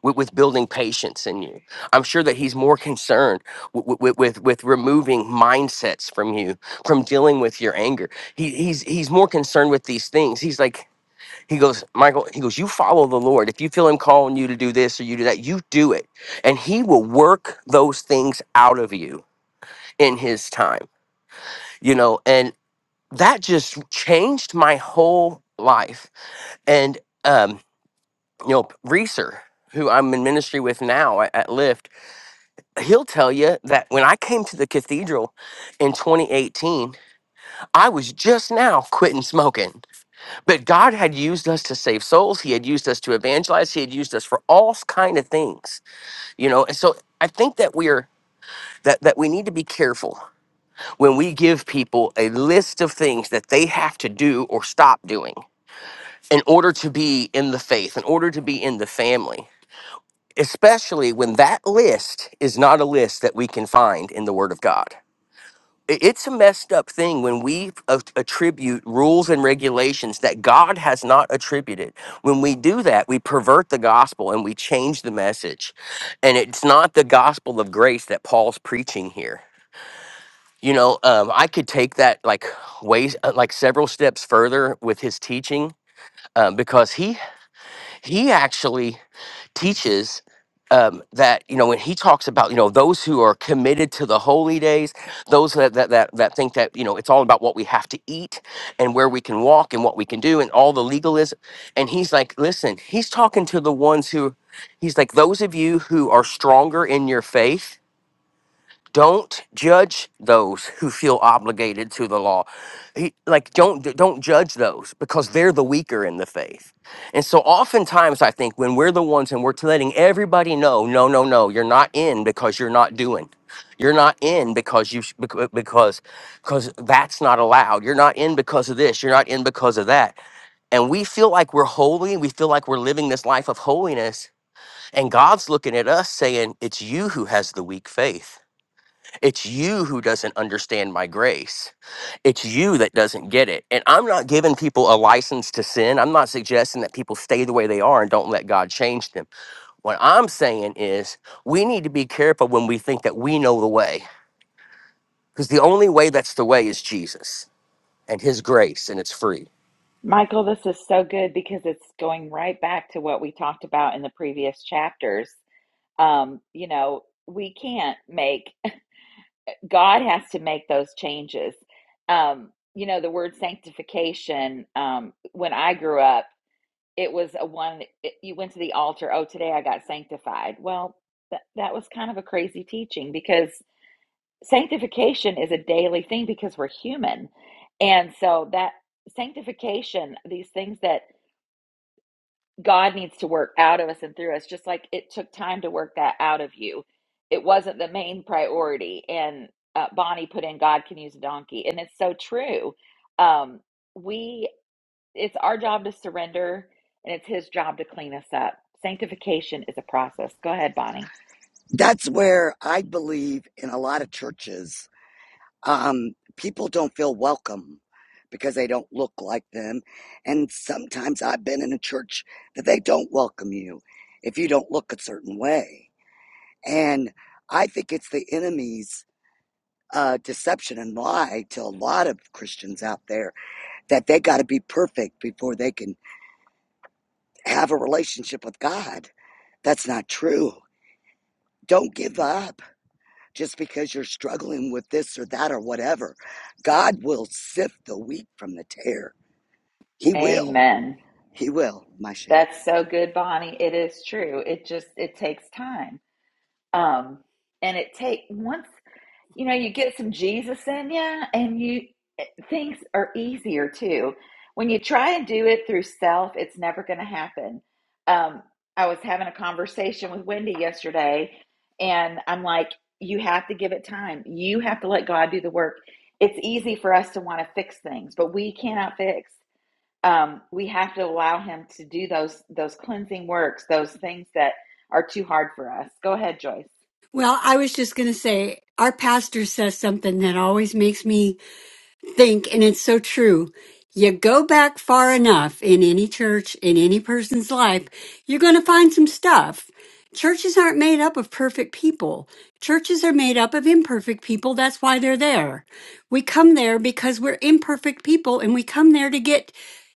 Speaker 5: with, with building patience in you. I'm sure that He's more concerned with, with, with, with removing mindsets from you, from dealing with your anger. He, he's, he's more concerned with these things. He's like, he goes, Michael, he goes, you follow the Lord. If you feel him calling you to do this or you do that, you do it. And he will work those things out of you in his time, you know, and that just changed my whole life. And, um, you know, Reeser, who I'm in ministry with now at, at Lyft, he'll tell you that when I came to the cathedral in 2018, I was just now quitting smoking. But God had used us to save souls. He had used us to evangelize. He had used us for all kind of things, you know. And so I think that we're that that we need to be careful when we give people a list of things that they have to do or stop doing in order to be in the faith, in order to be in the family, especially when that list is not a list that we can find in the Word of God. i- it's a messed up thing when we a- attribute rules and regulations that God has not attributed. When we do that, we pervert the gospel and we change the message. And it's not the gospel of grace that Paul's preaching here. You know, um, I could take that like ways, uh, like several steps further with his teaching, um, because he he actually teaches um, that you know when he talks about you know those who are committed to the holy days, those that, that that that think that you know it's all about what we have to eat and where we can walk and what we can do and all the legalism, and he's like, listen, he's talking to the ones who, he's like those of you who are stronger in your faith don't judge those who feel obligated to the law he, like don't don't judge those because they're the weaker in the faith and so oftentimes i think when we're the ones and we're letting everybody know no no no you're not in because you're not doing you're not in because you sh- becau- because because that's not allowed you're not in because of this you're not in because of that and we feel like we're holy we feel like we're living this life of holiness and god's looking at us saying it's you who has the weak faith it's you who doesn't understand my grace. It's you that doesn't get it. And I'm not giving people a license to sin. I'm not suggesting that people stay the way they are and don't let God change them. What I'm saying is we need to be careful when we think that we know the way, because the only way that's the way is Jesus and his grace, and it's free.
Speaker 1: Michael, this is so good because it's going right back to what we talked about in the previous chapters um, you know, we can't make, (laughs) God has to make those changes. Um, you know, the word sanctification, um, when I grew up, it was a one, it, you went to the altar, oh, today I got sanctified. Well, that that was kind of a crazy teaching because sanctification is a daily thing because we're human. And so that sanctification, these things that God needs to work out of us and through us, just like it took time to work that out of you. It wasn't the main priority. And uh, Bonnie put in, God can use a donkey. And it's so true. Um, we, it's our job to surrender and it's his job to clean us up. Sanctification is a process. Go ahead, Bonnie.
Speaker 8: That's where I believe in a lot of churches, um, people don't feel welcome because they don't look like them. And sometimes I've been in a church that they don't welcome you if you don't look a certain way. And I think it's the enemy's uh, deception and lie to a lot of Christians out there that they got to be perfect before they can have a relationship with God. That's not true. Don't give up just because you're struggling with this or that or whatever. God will sift the wheat from the tare. He will.
Speaker 1: Amen.
Speaker 8: He will, my share.
Speaker 1: That's so good, Bonnie. It is true. It just, it takes time. Um, and it take once you know, you get some Jesus in you and you eh, things are easier too. When you try and do it through self, it's never going to happen. Um, I was having a conversation with Wendy yesterday and I'm like, you have to give it time. You have to let God do the work. It's easy for us to want to fix things, but we cannot fix. Um, we have to allow him to do those those cleansing works, those things that are too hard for us. Go ahead, Joyce.
Speaker 7: Well, I was just going to say, our pastor says something that always makes me think, and it's so true. You go back far enough in any church, in any person's life, you're going to find some stuff. Churches aren't made up of perfect people. Churches are made up of imperfect people. That's why they're there. We come there because we're imperfect people and we come there to get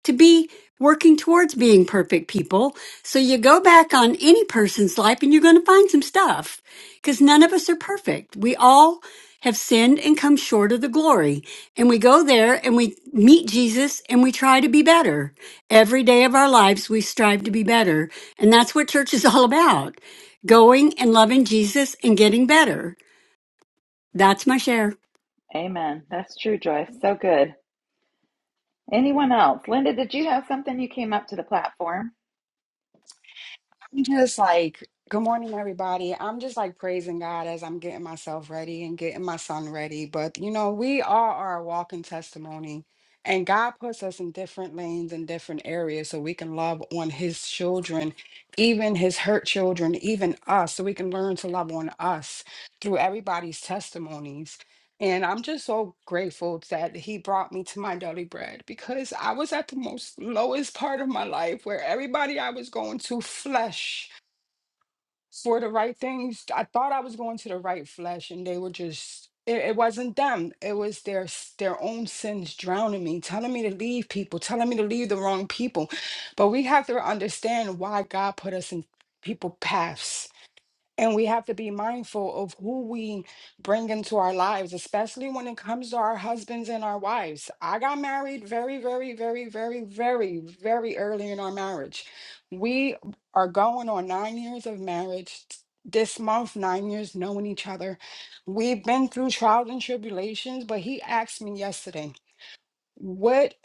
Speaker 7: to be working towards being perfect people. So you go back on any person's life and you're going to find some stuff because none of us are perfect. We all have sinned and come short of the glory and we go there and we meet Jesus and we try to be better. Every day of our lives, we strive to be better. And that's what church is (laughs) all about going and loving Jesus and getting better. That's my share.
Speaker 1: Amen. That's true, Joyce. So good. Anyone else? Linda, did you have something you came up to the platform?
Speaker 9: I'm just like, good morning, everybody. I'm just like praising God as I'm getting myself ready and getting my son ready. But you know, we all are a walking testimony, and God puts us in different lanes and different areas so we can love on His children, even His hurt children, even us, so we can learn to love on us through everybody's testimonies. And I'm just so grateful that he brought me to my daily bread because I was at the most lowest part of my life where everybody I was going to flesh for the right things. I thought I was going to the right flesh and they were just it, it wasn't them. It was their s- their own sins drowning me, telling me to leave people, telling me to leave the wrong people. But we have to understand why God put us in people paths and we have to be mindful of who we bring into our lives, especially when it comes to our husbands and our wives. I got married very, very, very, very, very, very early in our marriage. We are going on nine years of marriage t- this month, nine years knowing each other. We've been through trials and tribulations, but he asked me yesterday, what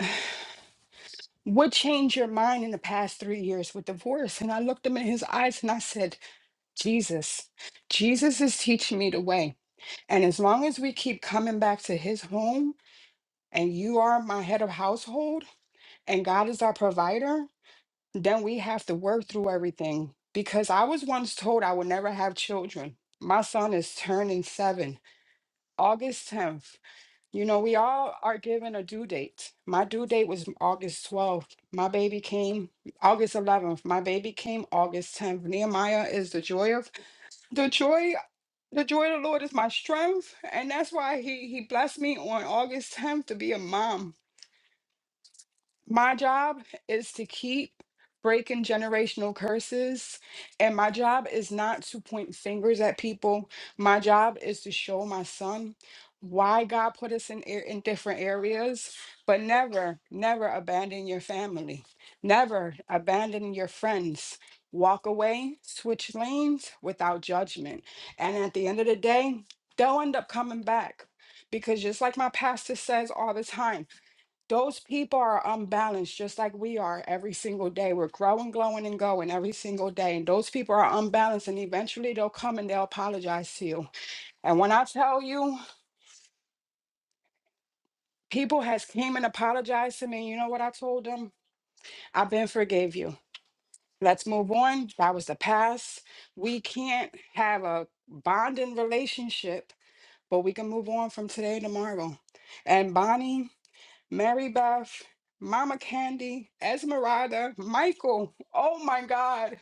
Speaker 9: what changed your mind in the past three years with divorce? And I looked him in his eyes and I said, Jesus. Jesus is teaching me the way. And as long as we keep coming back to his home and you are my head of household and God is our provider, then we have to work through everything. Because I was once told I would never have children. My son is turning seven, August 10th. You know, we all are given a due date. My due date was August 12th. My baby came August 11th. My baby came August 10th. Nehemiah is the joy of the joy. the joy of the Lord is my strength, and that's why he he blessed me on August 10th to be a mom my job is to keep breaking generational curses. And my job is not to point fingers at people. My job is to show my son why God put us in, ar- in different areas, but never, never abandon your family. Never abandon your friends. Walk away, switch lanes without judgment. And at the end of the day, they'll end up coming back. Because just like my pastor says all the time, those people are unbalanced, just like we are every single day. We're growing, glowing, and going every single day. And those people are unbalanced, and eventually they'll come and they'll apologize to you. And when I tell you, people has came and apologized to me. You know what I told them? I've been forgave you. Let's move on. That was the past. We can't have a bonding relationship, but we can move on from today, to tomorrow. And Bonnie. Mary Beth, Mama Candy, Esmeralda, Michael. Oh my God.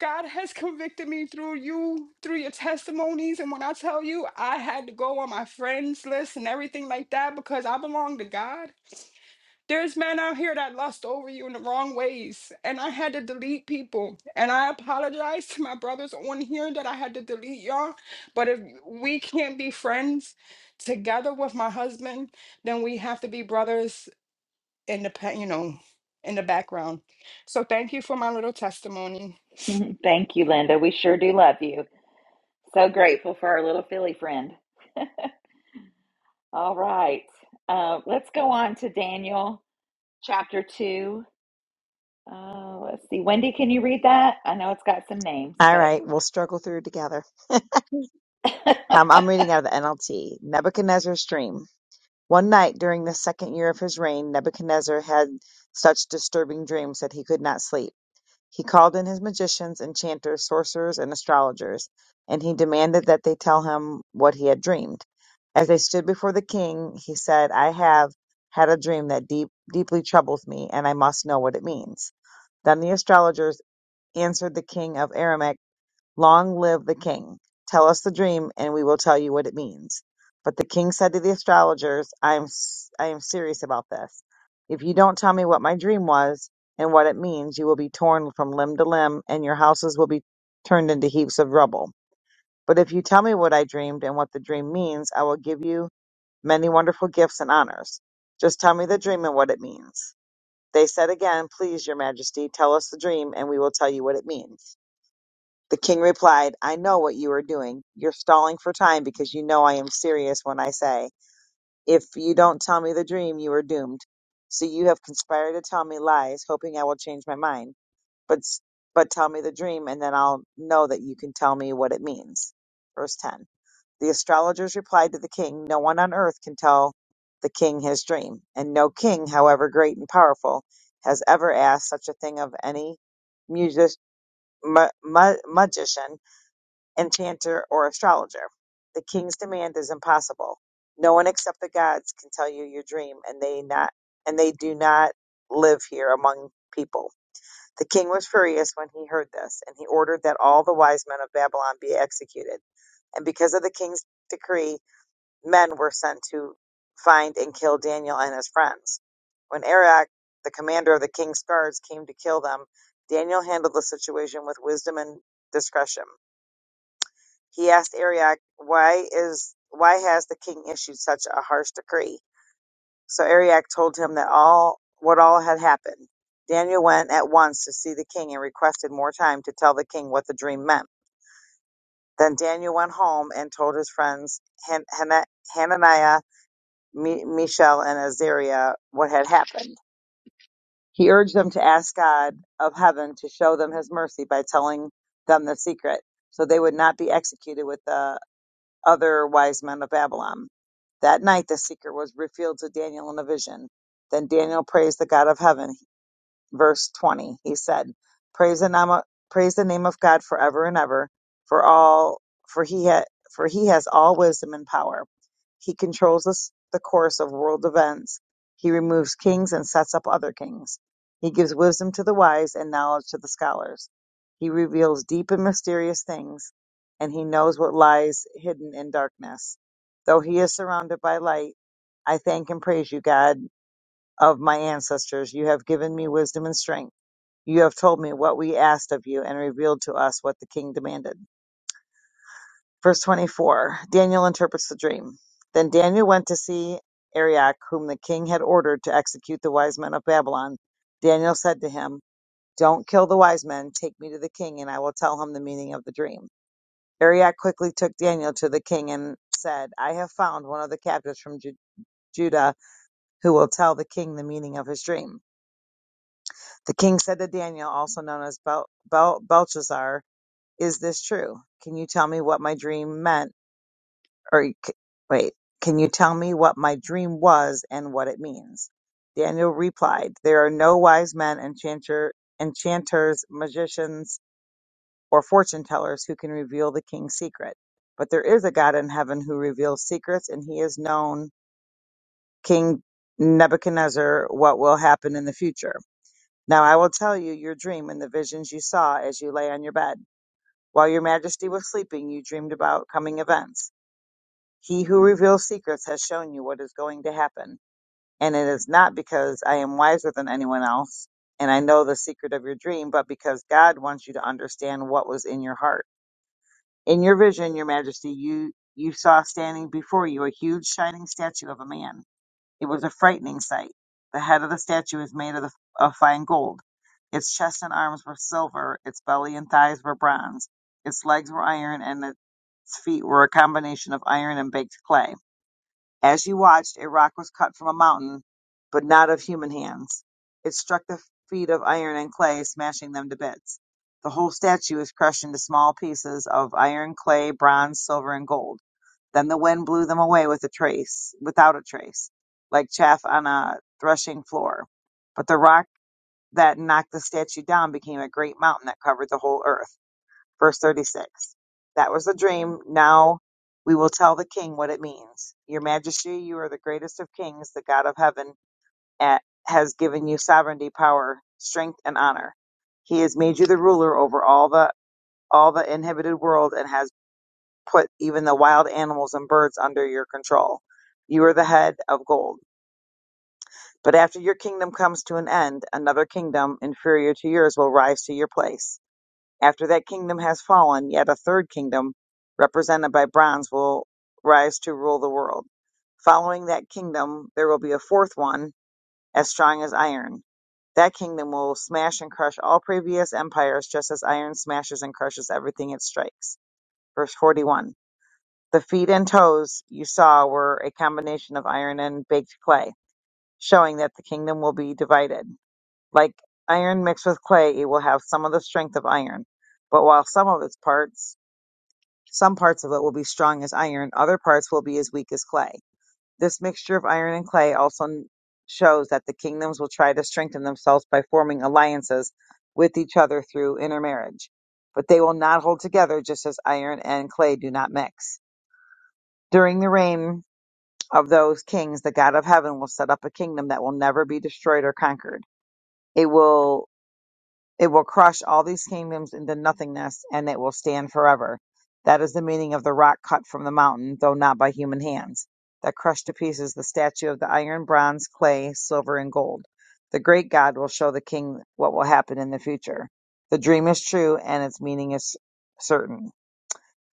Speaker 9: God has convicted me through you, through your testimonies. And when I tell you, I had to go on my friends list and everything like that because I belong to God. There's men out here that lust over you in the wrong ways. And I had to delete people. And I apologize to my brothers on here that I had to delete y'all. But if we can't be friends together with my husband, then we have to be brothers in the pa- you know in the background so thank you for my little testimony
Speaker 1: (laughs) Thank you, Linda. We sure do love you. So grateful for our little Philly friend. All right. Uh, let's go on to Daniel chapter 2. Uh, let's see. Wendy, can you read that? I know it's got some names,
Speaker 10: All
Speaker 1: but
Speaker 10: right, we'll struggle through together.
Speaker 1: (laughs)
Speaker 10: Um, I'm reading out of the NLT. Nebuchadnezzar's dream. One night during the second year of his reign, Nebuchadnezzar had such disturbing dreams that he could not sleep. He called in his magicians, enchanters, sorcerers, and astrologers, and he demanded that they tell him what he had dreamed. As they stood before the king, he said, I have had a dream that deep, deeply troubles me, and I must know what it means. Then the astrologers answered the king of Aram Long live the king. Tell us the dream, and we will tell you what it means. But the king said to the astrologers, I am, s- I am serious about this. If you don't tell me what my dream was and what it means, you will be torn from limb to limb, and your houses will be turned into heaps of rubble. But if you tell me what I dreamed and what the dream means, I will give you many wonderful gifts and honors. Just tell me the dream and what it means. They said again, Please, your majesty, tell us the dream, and we will tell you what it means. The king replied, I know what you are doing. You're stalling for time because you know I am serious when I say, If you don't tell me the dream, you are doomed. So you have conspired to tell me lies, hoping I will change my mind. But, s- but tell me the dream, and then I'll know that you can tell me what it means. Verse 10. The astrologers replied to the king, No one on earth can tell the king his dream, and no king, however great and powerful, has ever asked such a thing of any music, ma- ma- magician enchanter, or astrologer. The king's demand is impossible. No one except the gods can tell you your dream, and they not and they do not live here among people. The king was furious when he heard this, and he ordered that all the wise men of Babylon be executed. And because of the king's decree, men were sent to find and kill Daniel and his friends. When Arioch, the commander of the king's guards, came to kill them, Daniel handled the situation with wisdom and discretion. He asked Arioch, Why is why has the king issued such a harsh decree? So Arioch told him that all what all had happened. Daniel went at once to see the king and requested more time to tell the king what the dream meant. Then Daniel went home and told his friends Han- Hana- Hananiah, Mi- Mishael, and Azariah what had happened. He urged them to ask God of heaven to show them his mercy by telling them the secret, so they would not be executed with the other wise men of Babylon. That night the secret was revealed to Daniel in a vision. Then Daniel praised the God of heaven verse 20, he said, "Praise the name of, praise the name of God forever and ever, for all for he ha, for he has all wisdom and power. He controls us the course of world events. He removes kings and sets up other kings. He gives wisdom to the wise and knowledge to the scholars. He reveals deep and mysterious things, and he knows what lies hidden in darkness. Though he is surrounded by light, I thank and praise you, God of my ancestors. You have given me wisdom and strength you have told me what we asked of you and revealed to us what the king demanded. Verse 24 Daniel interprets the dream. Then Daniel went to see Arioch, whom the king had ordered to execute the wise men of Babylon. Daniel said to him, Don't kill the wise men. Take me to the king, and I will tell him the meaning of the dream. Arioch quickly took Daniel to the king and said, I have found one of the captives from Ju- Judah who will tell the king the meaning of his dream. The king said to Daniel, also known as Bel- Bel- Belshazzar, Is this true? Can you tell me what my dream meant? Or c- wait, can you tell me what my dream was and what it means? Daniel replied, There are no wise men, enchanter, enchanters, magicians, or fortune tellers who can reveal the king's secret. But there is a God in heaven who reveals secrets, and he has known King Nebuchadnezzar what will happen in the future. Now I will tell you your dream and the visions you saw as you lay on your bed. While your majesty was sleeping, you dreamed about coming events. He who reveals secrets has shown you what is going to happen, and it is not because I am wiser than anyone else and I know the secret of your dream, but because God wants you to understand what was in your heart. In your vision, your majesty, you, you saw standing before you a huge shining statue of a man. It was a frightening sight. The head of the statue is made of, the, of fine gold its chest and arms were silver, its belly and thighs were bronze, its legs were iron, and its feet were a combination of iron and baked clay. As you watched, a rock was cut from a mountain, but not of human hands. It struck the feet of iron and clay, smashing them to bits. The whole statue was crushed into small pieces of iron, clay, bronze, silver, and gold. Then the wind blew them away with a trace, without a trace, like chaff on a threshing floor. But the rock that knocked the statue down became a great mountain that covered the whole earth. Verse 36. That was a dream. Now we will tell the king what it means. Your majesty, you are the greatest of kings. The God of heaven a- has given you sovereignty, power, strength, and honor. He has made you the ruler over all the all the inhabited world and has put even the wild animals and birds under your control. You are the head of gold. But after your kingdom comes to an end, another kingdom inferior to yours will rise to your place After that kingdom has fallen, yet a third kingdom, represented by bronze, will rise to rule the world. Following that kingdom, there will be a fourth one, as strong as iron. That kingdom will smash and crush all previous empires, just as iron smashes and crushes everything it strikes. Verse 41 The feet and toes you saw were a combination of iron and baked clay, showing that the kingdom will be divided. Like iron mixed with clay, it will have some of the strength of iron but while some of its parts some parts of it will be strong as iron, other parts will be as weak as clay. This mixture of iron and clay also shows that the kingdoms will try to strengthen themselves by forming alliances with each other through intermarriage. But they will not hold together just as iron and clay do not mix. During the reign of those kings, the God of heaven will set up a kingdom that will never be destroyed or conquered. It will it will crush all these kingdoms into nothingness, and it will stand forever. That is the meaning of the rock cut from the mountain, though not by human hands, that crushed to pieces the statue of the iron, bronze, clay, silver, and gold. The great God will show the king what will happen in the future. The dream is true, and its meaning is certain.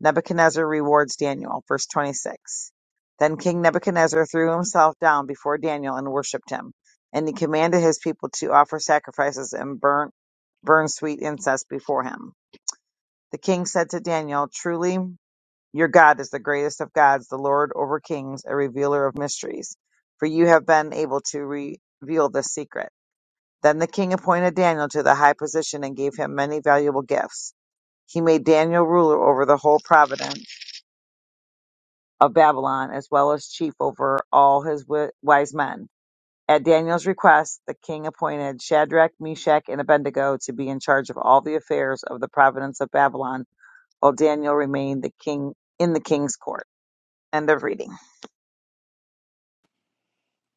Speaker 10: Nebuchadnezzar rewards Daniel. Verse 26. Then King Nebuchadnezzar threw himself down before Daniel and worshipped him. And he commanded his people to offer sacrifices and burn, burn sweet incense before him. The king said to Daniel, Truly, your God is the greatest of gods, the Lord over kings, a revealer of mysteries, for you have been able to reveal this secret. Then the king appointed Daniel to the high position and gave him many valuable gifts. He made Daniel ruler over the whole province of Babylon, as well as chief over all his wi- wise men. At Daniel's request, the king appointed Shadrach, Meshach, and Abednego to be in charge of all the affairs of the province of Babylon, while Daniel remained the king in the king's court. End of reading.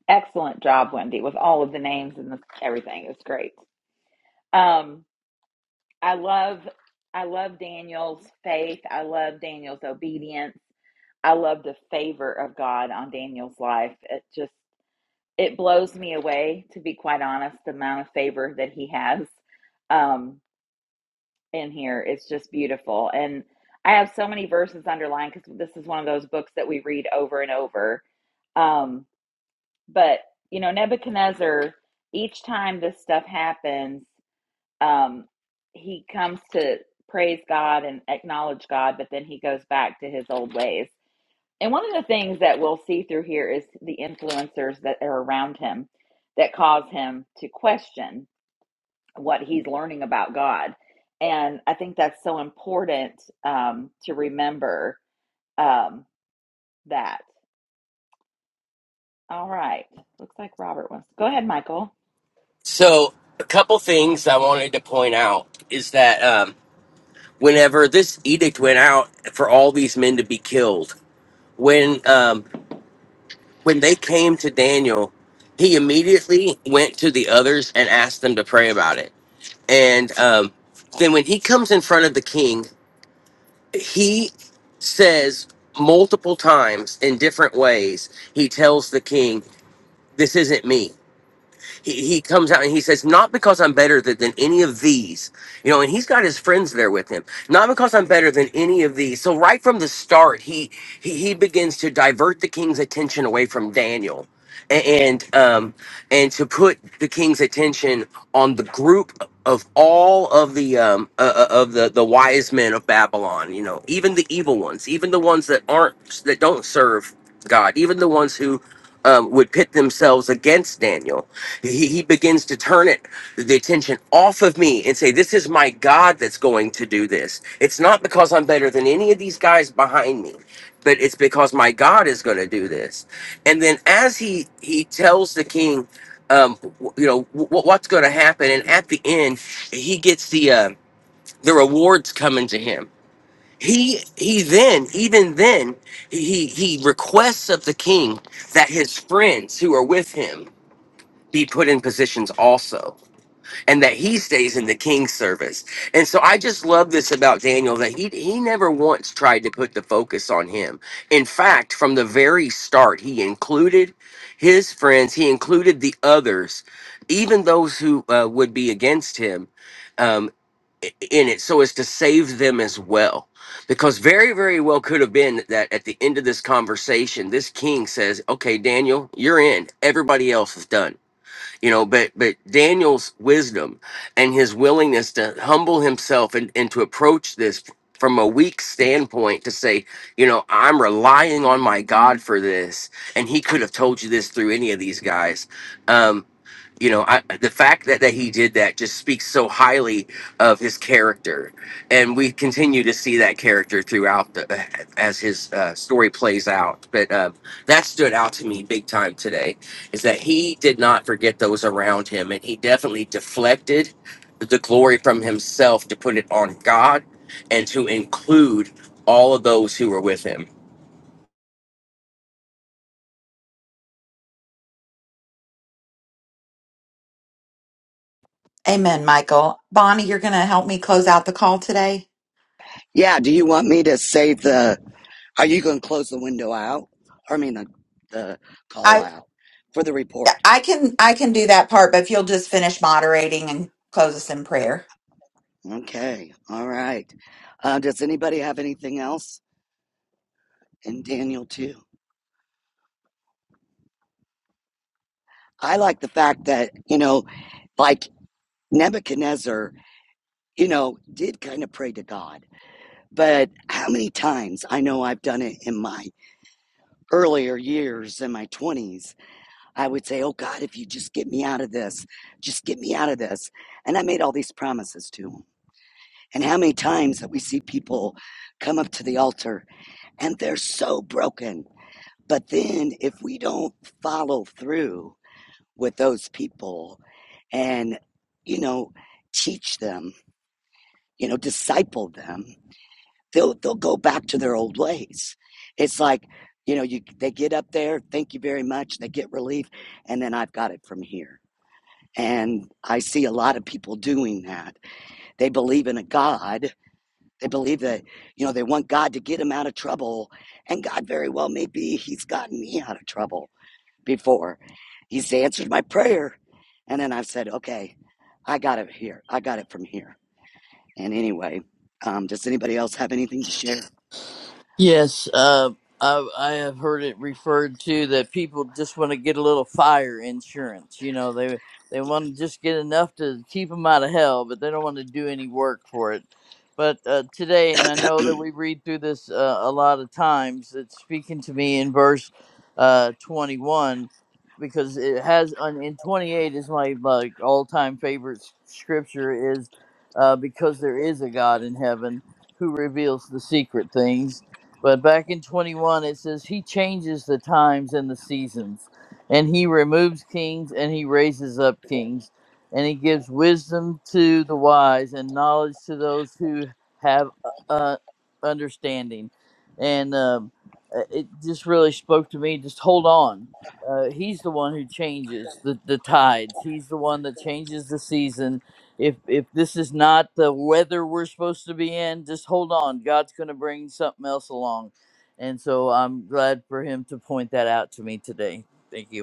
Speaker 1: excellent job, Wendy, with all of the names and the, everything. It was great. Um, I love. I love Daniel's faith. I love Daniel's obedience. I love the favor of God on Daniel's life. It just it blows me away, to be quite honest, the amount of favor that he has um, in here. It's just beautiful. And I have so many verses underlined because this is one of those books that we read over and over. Um, but you know, Nebuchadnezzar, each time this stuff happens, um, he comes to praise God and acknowledge God, but then he goes back to his old ways and one of the things that we'll see through here is the influencers that are around him that cause him to question what he's learning about God. And I think that's so important um, to remember um, that. All right. Looks like Robert wants to go ahead, Michael.
Speaker 5: So, a couple things I wanted to point out is that um, whenever this edict went out for all these men to be killed, when um, when they came to Daniel, he immediately went to the others and asked them to pray about it. And um, then when he comes in front of the king, he says multiple times in different ways, he tells the king, This isn't me he, he comes out and he says, Not because I'm better th- than any of these. You know, and he's got his friends there with him. Not because I'm better than any of these. So right from the start, he he, he begins to divert the king's attention away from Daniel. a- And um and to put the king's attention on the group of all of the um uh, uh, of the the wise men of Babylon, you know, even the evil ones, even the ones that aren't that don't serve God, even the ones who um, would pit themselves against Daniel he, he begins to turn it the attention off of me and say this is my god that's going to do this it's not because i'm better than any of these guys behind me but it's because my god is going to do this and then as he he tells the king um w- you know w- what's going to happen and at the end he gets the uh, the rewards coming to him he he then even then he he requests of the king that his friends who are with him be put in positions also and that he stays in the king's service and so i just love this about daniel that he he never once tried to put the focus on him in fact from the very start he included his friends he included the others even those who uh, would be against him um, i- in it so as to save them as well because very very well could have been that at the end of this conversation this king says okay daniel you're in everybody else is done you know but but daniel's wisdom and his willingness to humble himself and, and to approach this from a weak standpoint to say you know i'm relying on my god for this and he could have told you this through any of these guys Um, you know, I, the fact that, that he did that just speaks so highly of his character, and we continue to see that character throughout the, uh, as his uh, story plays out. But um, that stood out to me big time today, is that he did not forget those around him, and he definitely deflected the glory from himself to put it on God and to include all of those who were with him.
Speaker 1: Amen, Michael. Bonnie, you're going to help me close out the call today.
Speaker 8: Yeah, do you want me to save the are you gonna close the window out? Or I mean the the call
Speaker 1: I
Speaker 8: out for the report.
Speaker 1: I can I can do that part, but if you'll just finish moderating and close us in prayer.
Speaker 8: Okay. All right. Uh, does anybody have anything else? And Daniel too. I like the fact that, you know, like Nebuchadnezzar, you know, did kind of pray to God But how many times I know I've done it in my earlier years in my 20s, I would say, Oh God, if you just get me out of this, just get me out of this. And I made all these promises to him. And how many times that we see people come up to the altar and they're so broken. But then if we don't follow through with those people and, you know, teach them, you know, disciple them, they'll they'll go back to their old ways. It's like, you know, you they get up there, thank you very much, they get relief, and then I've got it from here. And I see a lot of people doing that. They believe in a God. They believe that, you know, they want God to get them out of trouble. And God very well may be he's gotten me out of trouble before. He's answered my prayer. And then I've said, okay, I got it here. I got it from here. And anyway, um, does anybody else have anything to share?
Speaker 2: Yes, uh, I, I have heard it referred to that people just want to get a little fire insurance. You know, they they want to just get enough to keep them out of hell, but they don't want to do any work for it. But uh, today, and I know that we read through this uh, a lot of times, it's speaking to me in verse uh, 21 because it has on in 28 is my like all-time favorite s- scripture is uh, because there is a God in heaven who reveals the secret things but back in 21, it says, He changes the times and the seasons, and He removes kings and He raises up kings, and He gives wisdom to the wise and knowledge to those who have uh, uh, understanding. And um, uh, it just really spoke to me just hold on. Uh, he's the one who changes the, the tides. He's the one that changes the seasons if if this is not the weather we're supposed to be in, just hold on. God's going to bring something else along. And so I'm glad for him to point that out to me today. Thank you.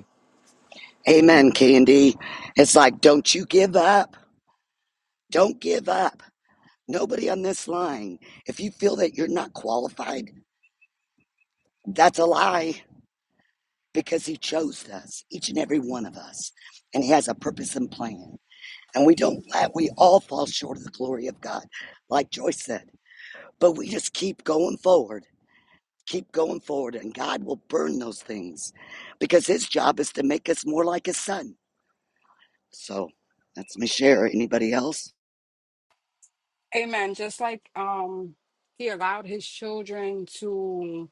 Speaker 8: Amen, Candy. It's like, don't you give up. Don't give up. Nobody on this line. If you feel that you're not qualified, that's a lie because He chose us, each and every one of us, and He has a purpose and plan. And we don't let, we all fall short of the glory of God, like Joyce said. But we just keep going forward, keep going forward, and God will burn those things because His job is to make us more like His Son. So that's my share. Anybody else?
Speaker 9: Amen. Just like um he allowed his children to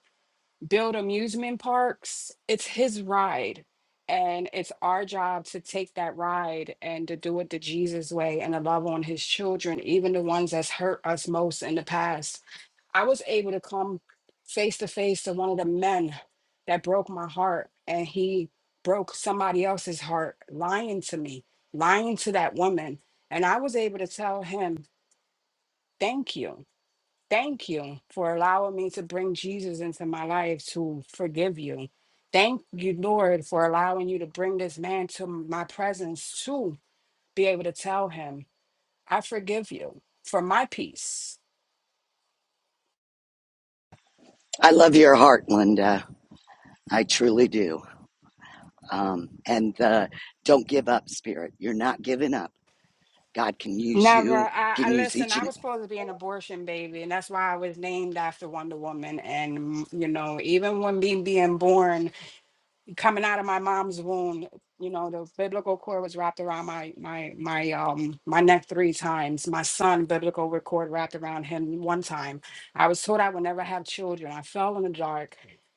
Speaker 9: build amusement parks, it's his ride. And it's our job to take that ride and to do it the Jesus way and to love on his children, even the ones that's hurt us most in the past. I was able to come face to face to one of the men that broke my heart, and he broke somebody else's heart, lying to me, lying to that woman. And I was able to tell him, Thank you. Thank you for allowing me to bring Jesus into my life to forgive you. Thank you, Lord, for allowing you to bring this man to my presence to be able to tell him, I forgive you for my peace.
Speaker 8: I love your heart, Linda. I truly do. Um, and the don't give up spirit. You're not giving up. God can use
Speaker 9: Never.
Speaker 8: you,
Speaker 9: I,
Speaker 8: can
Speaker 9: I
Speaker 8: use
Speaker 9: listen.
Speaker 8: each
Speaker 9: I
Speaker 8: and
Speaker 9: was supposed to be an abortion baby, and that's why I was named after Wonder Woman. And mm, you know, even when me being born, coming out of my mom's womb, you know, the biblical cord was wrapped around my my my um my neck three times. My son, biblical wi- cord wrapped around him one time. I was told I would never have children. I fell in the dark.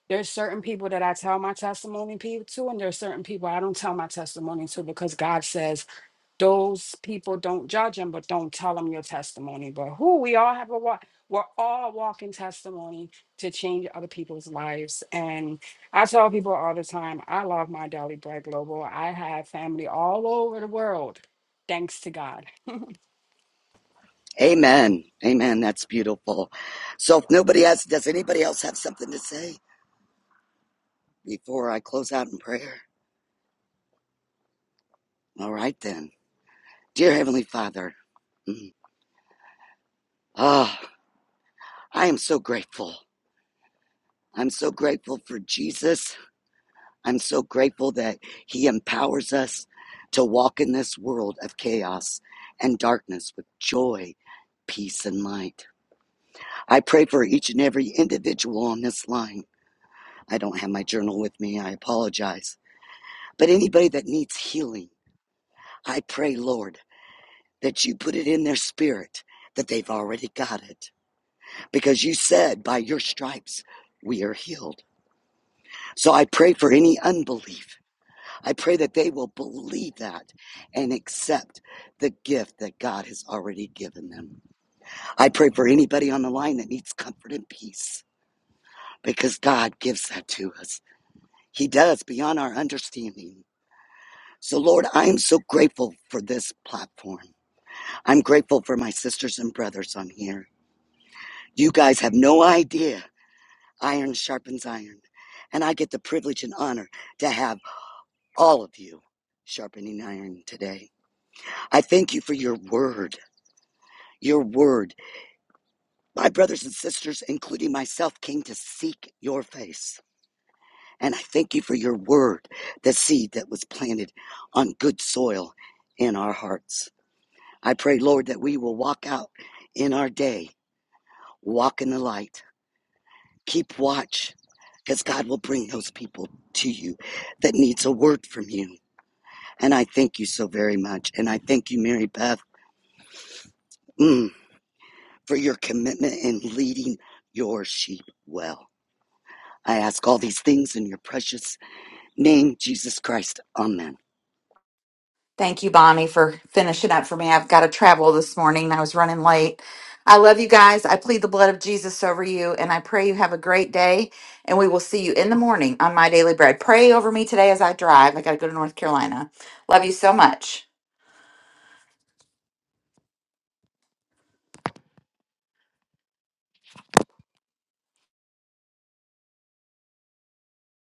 Speaker 9: There's certain people that I tell my testimony pe- to, and there's certain people I don't tell my testimony to because God says those people don't judge them, but don't tell them your testimony. But who we all have a walk, we're all walking testimony to change other people's lives. And I tell people all the time, I love my Daily Bread Global. I have family all over the world, thanks to God.
Speaker 8: Amen. Amen. That's beautiful. So if nobody else, does anybody else have something to say before I close out in prayer? All right then. Dear Heavenly Father, mm, ah, I am so grateful. I'm so grateful for Jesus. I'm so grateful that He empowers us to walk in this world of chaos and darkness with joy, peace, and light. I pray for each and every individual on this line. I don't have my journal with me. I apologize. But anybody that needs healing, I pray, Lord, that you put it in their spirit that they've already got it. Because you said, by your stripes, we are healed. So I pray for any unbelief I pray that they will believe that and accept the gift that God has already given them. I pray for anybody on the line that needs comfort and peace because God gives that to us. He does beyond our understanding. So, Lord, I am so grateful for this platform. I'm grateful for my sisters and brothers on here. You guys have no idea. Iron sharpens iron. And I get the privilege and honor to have all of you sharpening iron today. I thank you for your word. your word. My brothers and sisters, including myself, came to seek your face. And I thank you for your word, the seed that was planted on good soil in our hearts. I pray, Lord, that we will walk out in our day, walk in the light, keep watch, because God will bring those people to you that needs a word from you. And I thank you so very much. And I thank you, Mary Beth, mm, for your commitment in leading your sheep well. I ask all these things in your precious name, Jesus Christ. Amen.
Speaker 1: Thank you, Bonnie, for finishing up for me. I've got to travel this morning. and I was running late. I love you guys. I plead the blood of Jesus over you, and I pray you have a great day. And we will see you in the morning on My Daily Bread. Pray over me today as I drive. I got to go to North Carolina. Love you so much.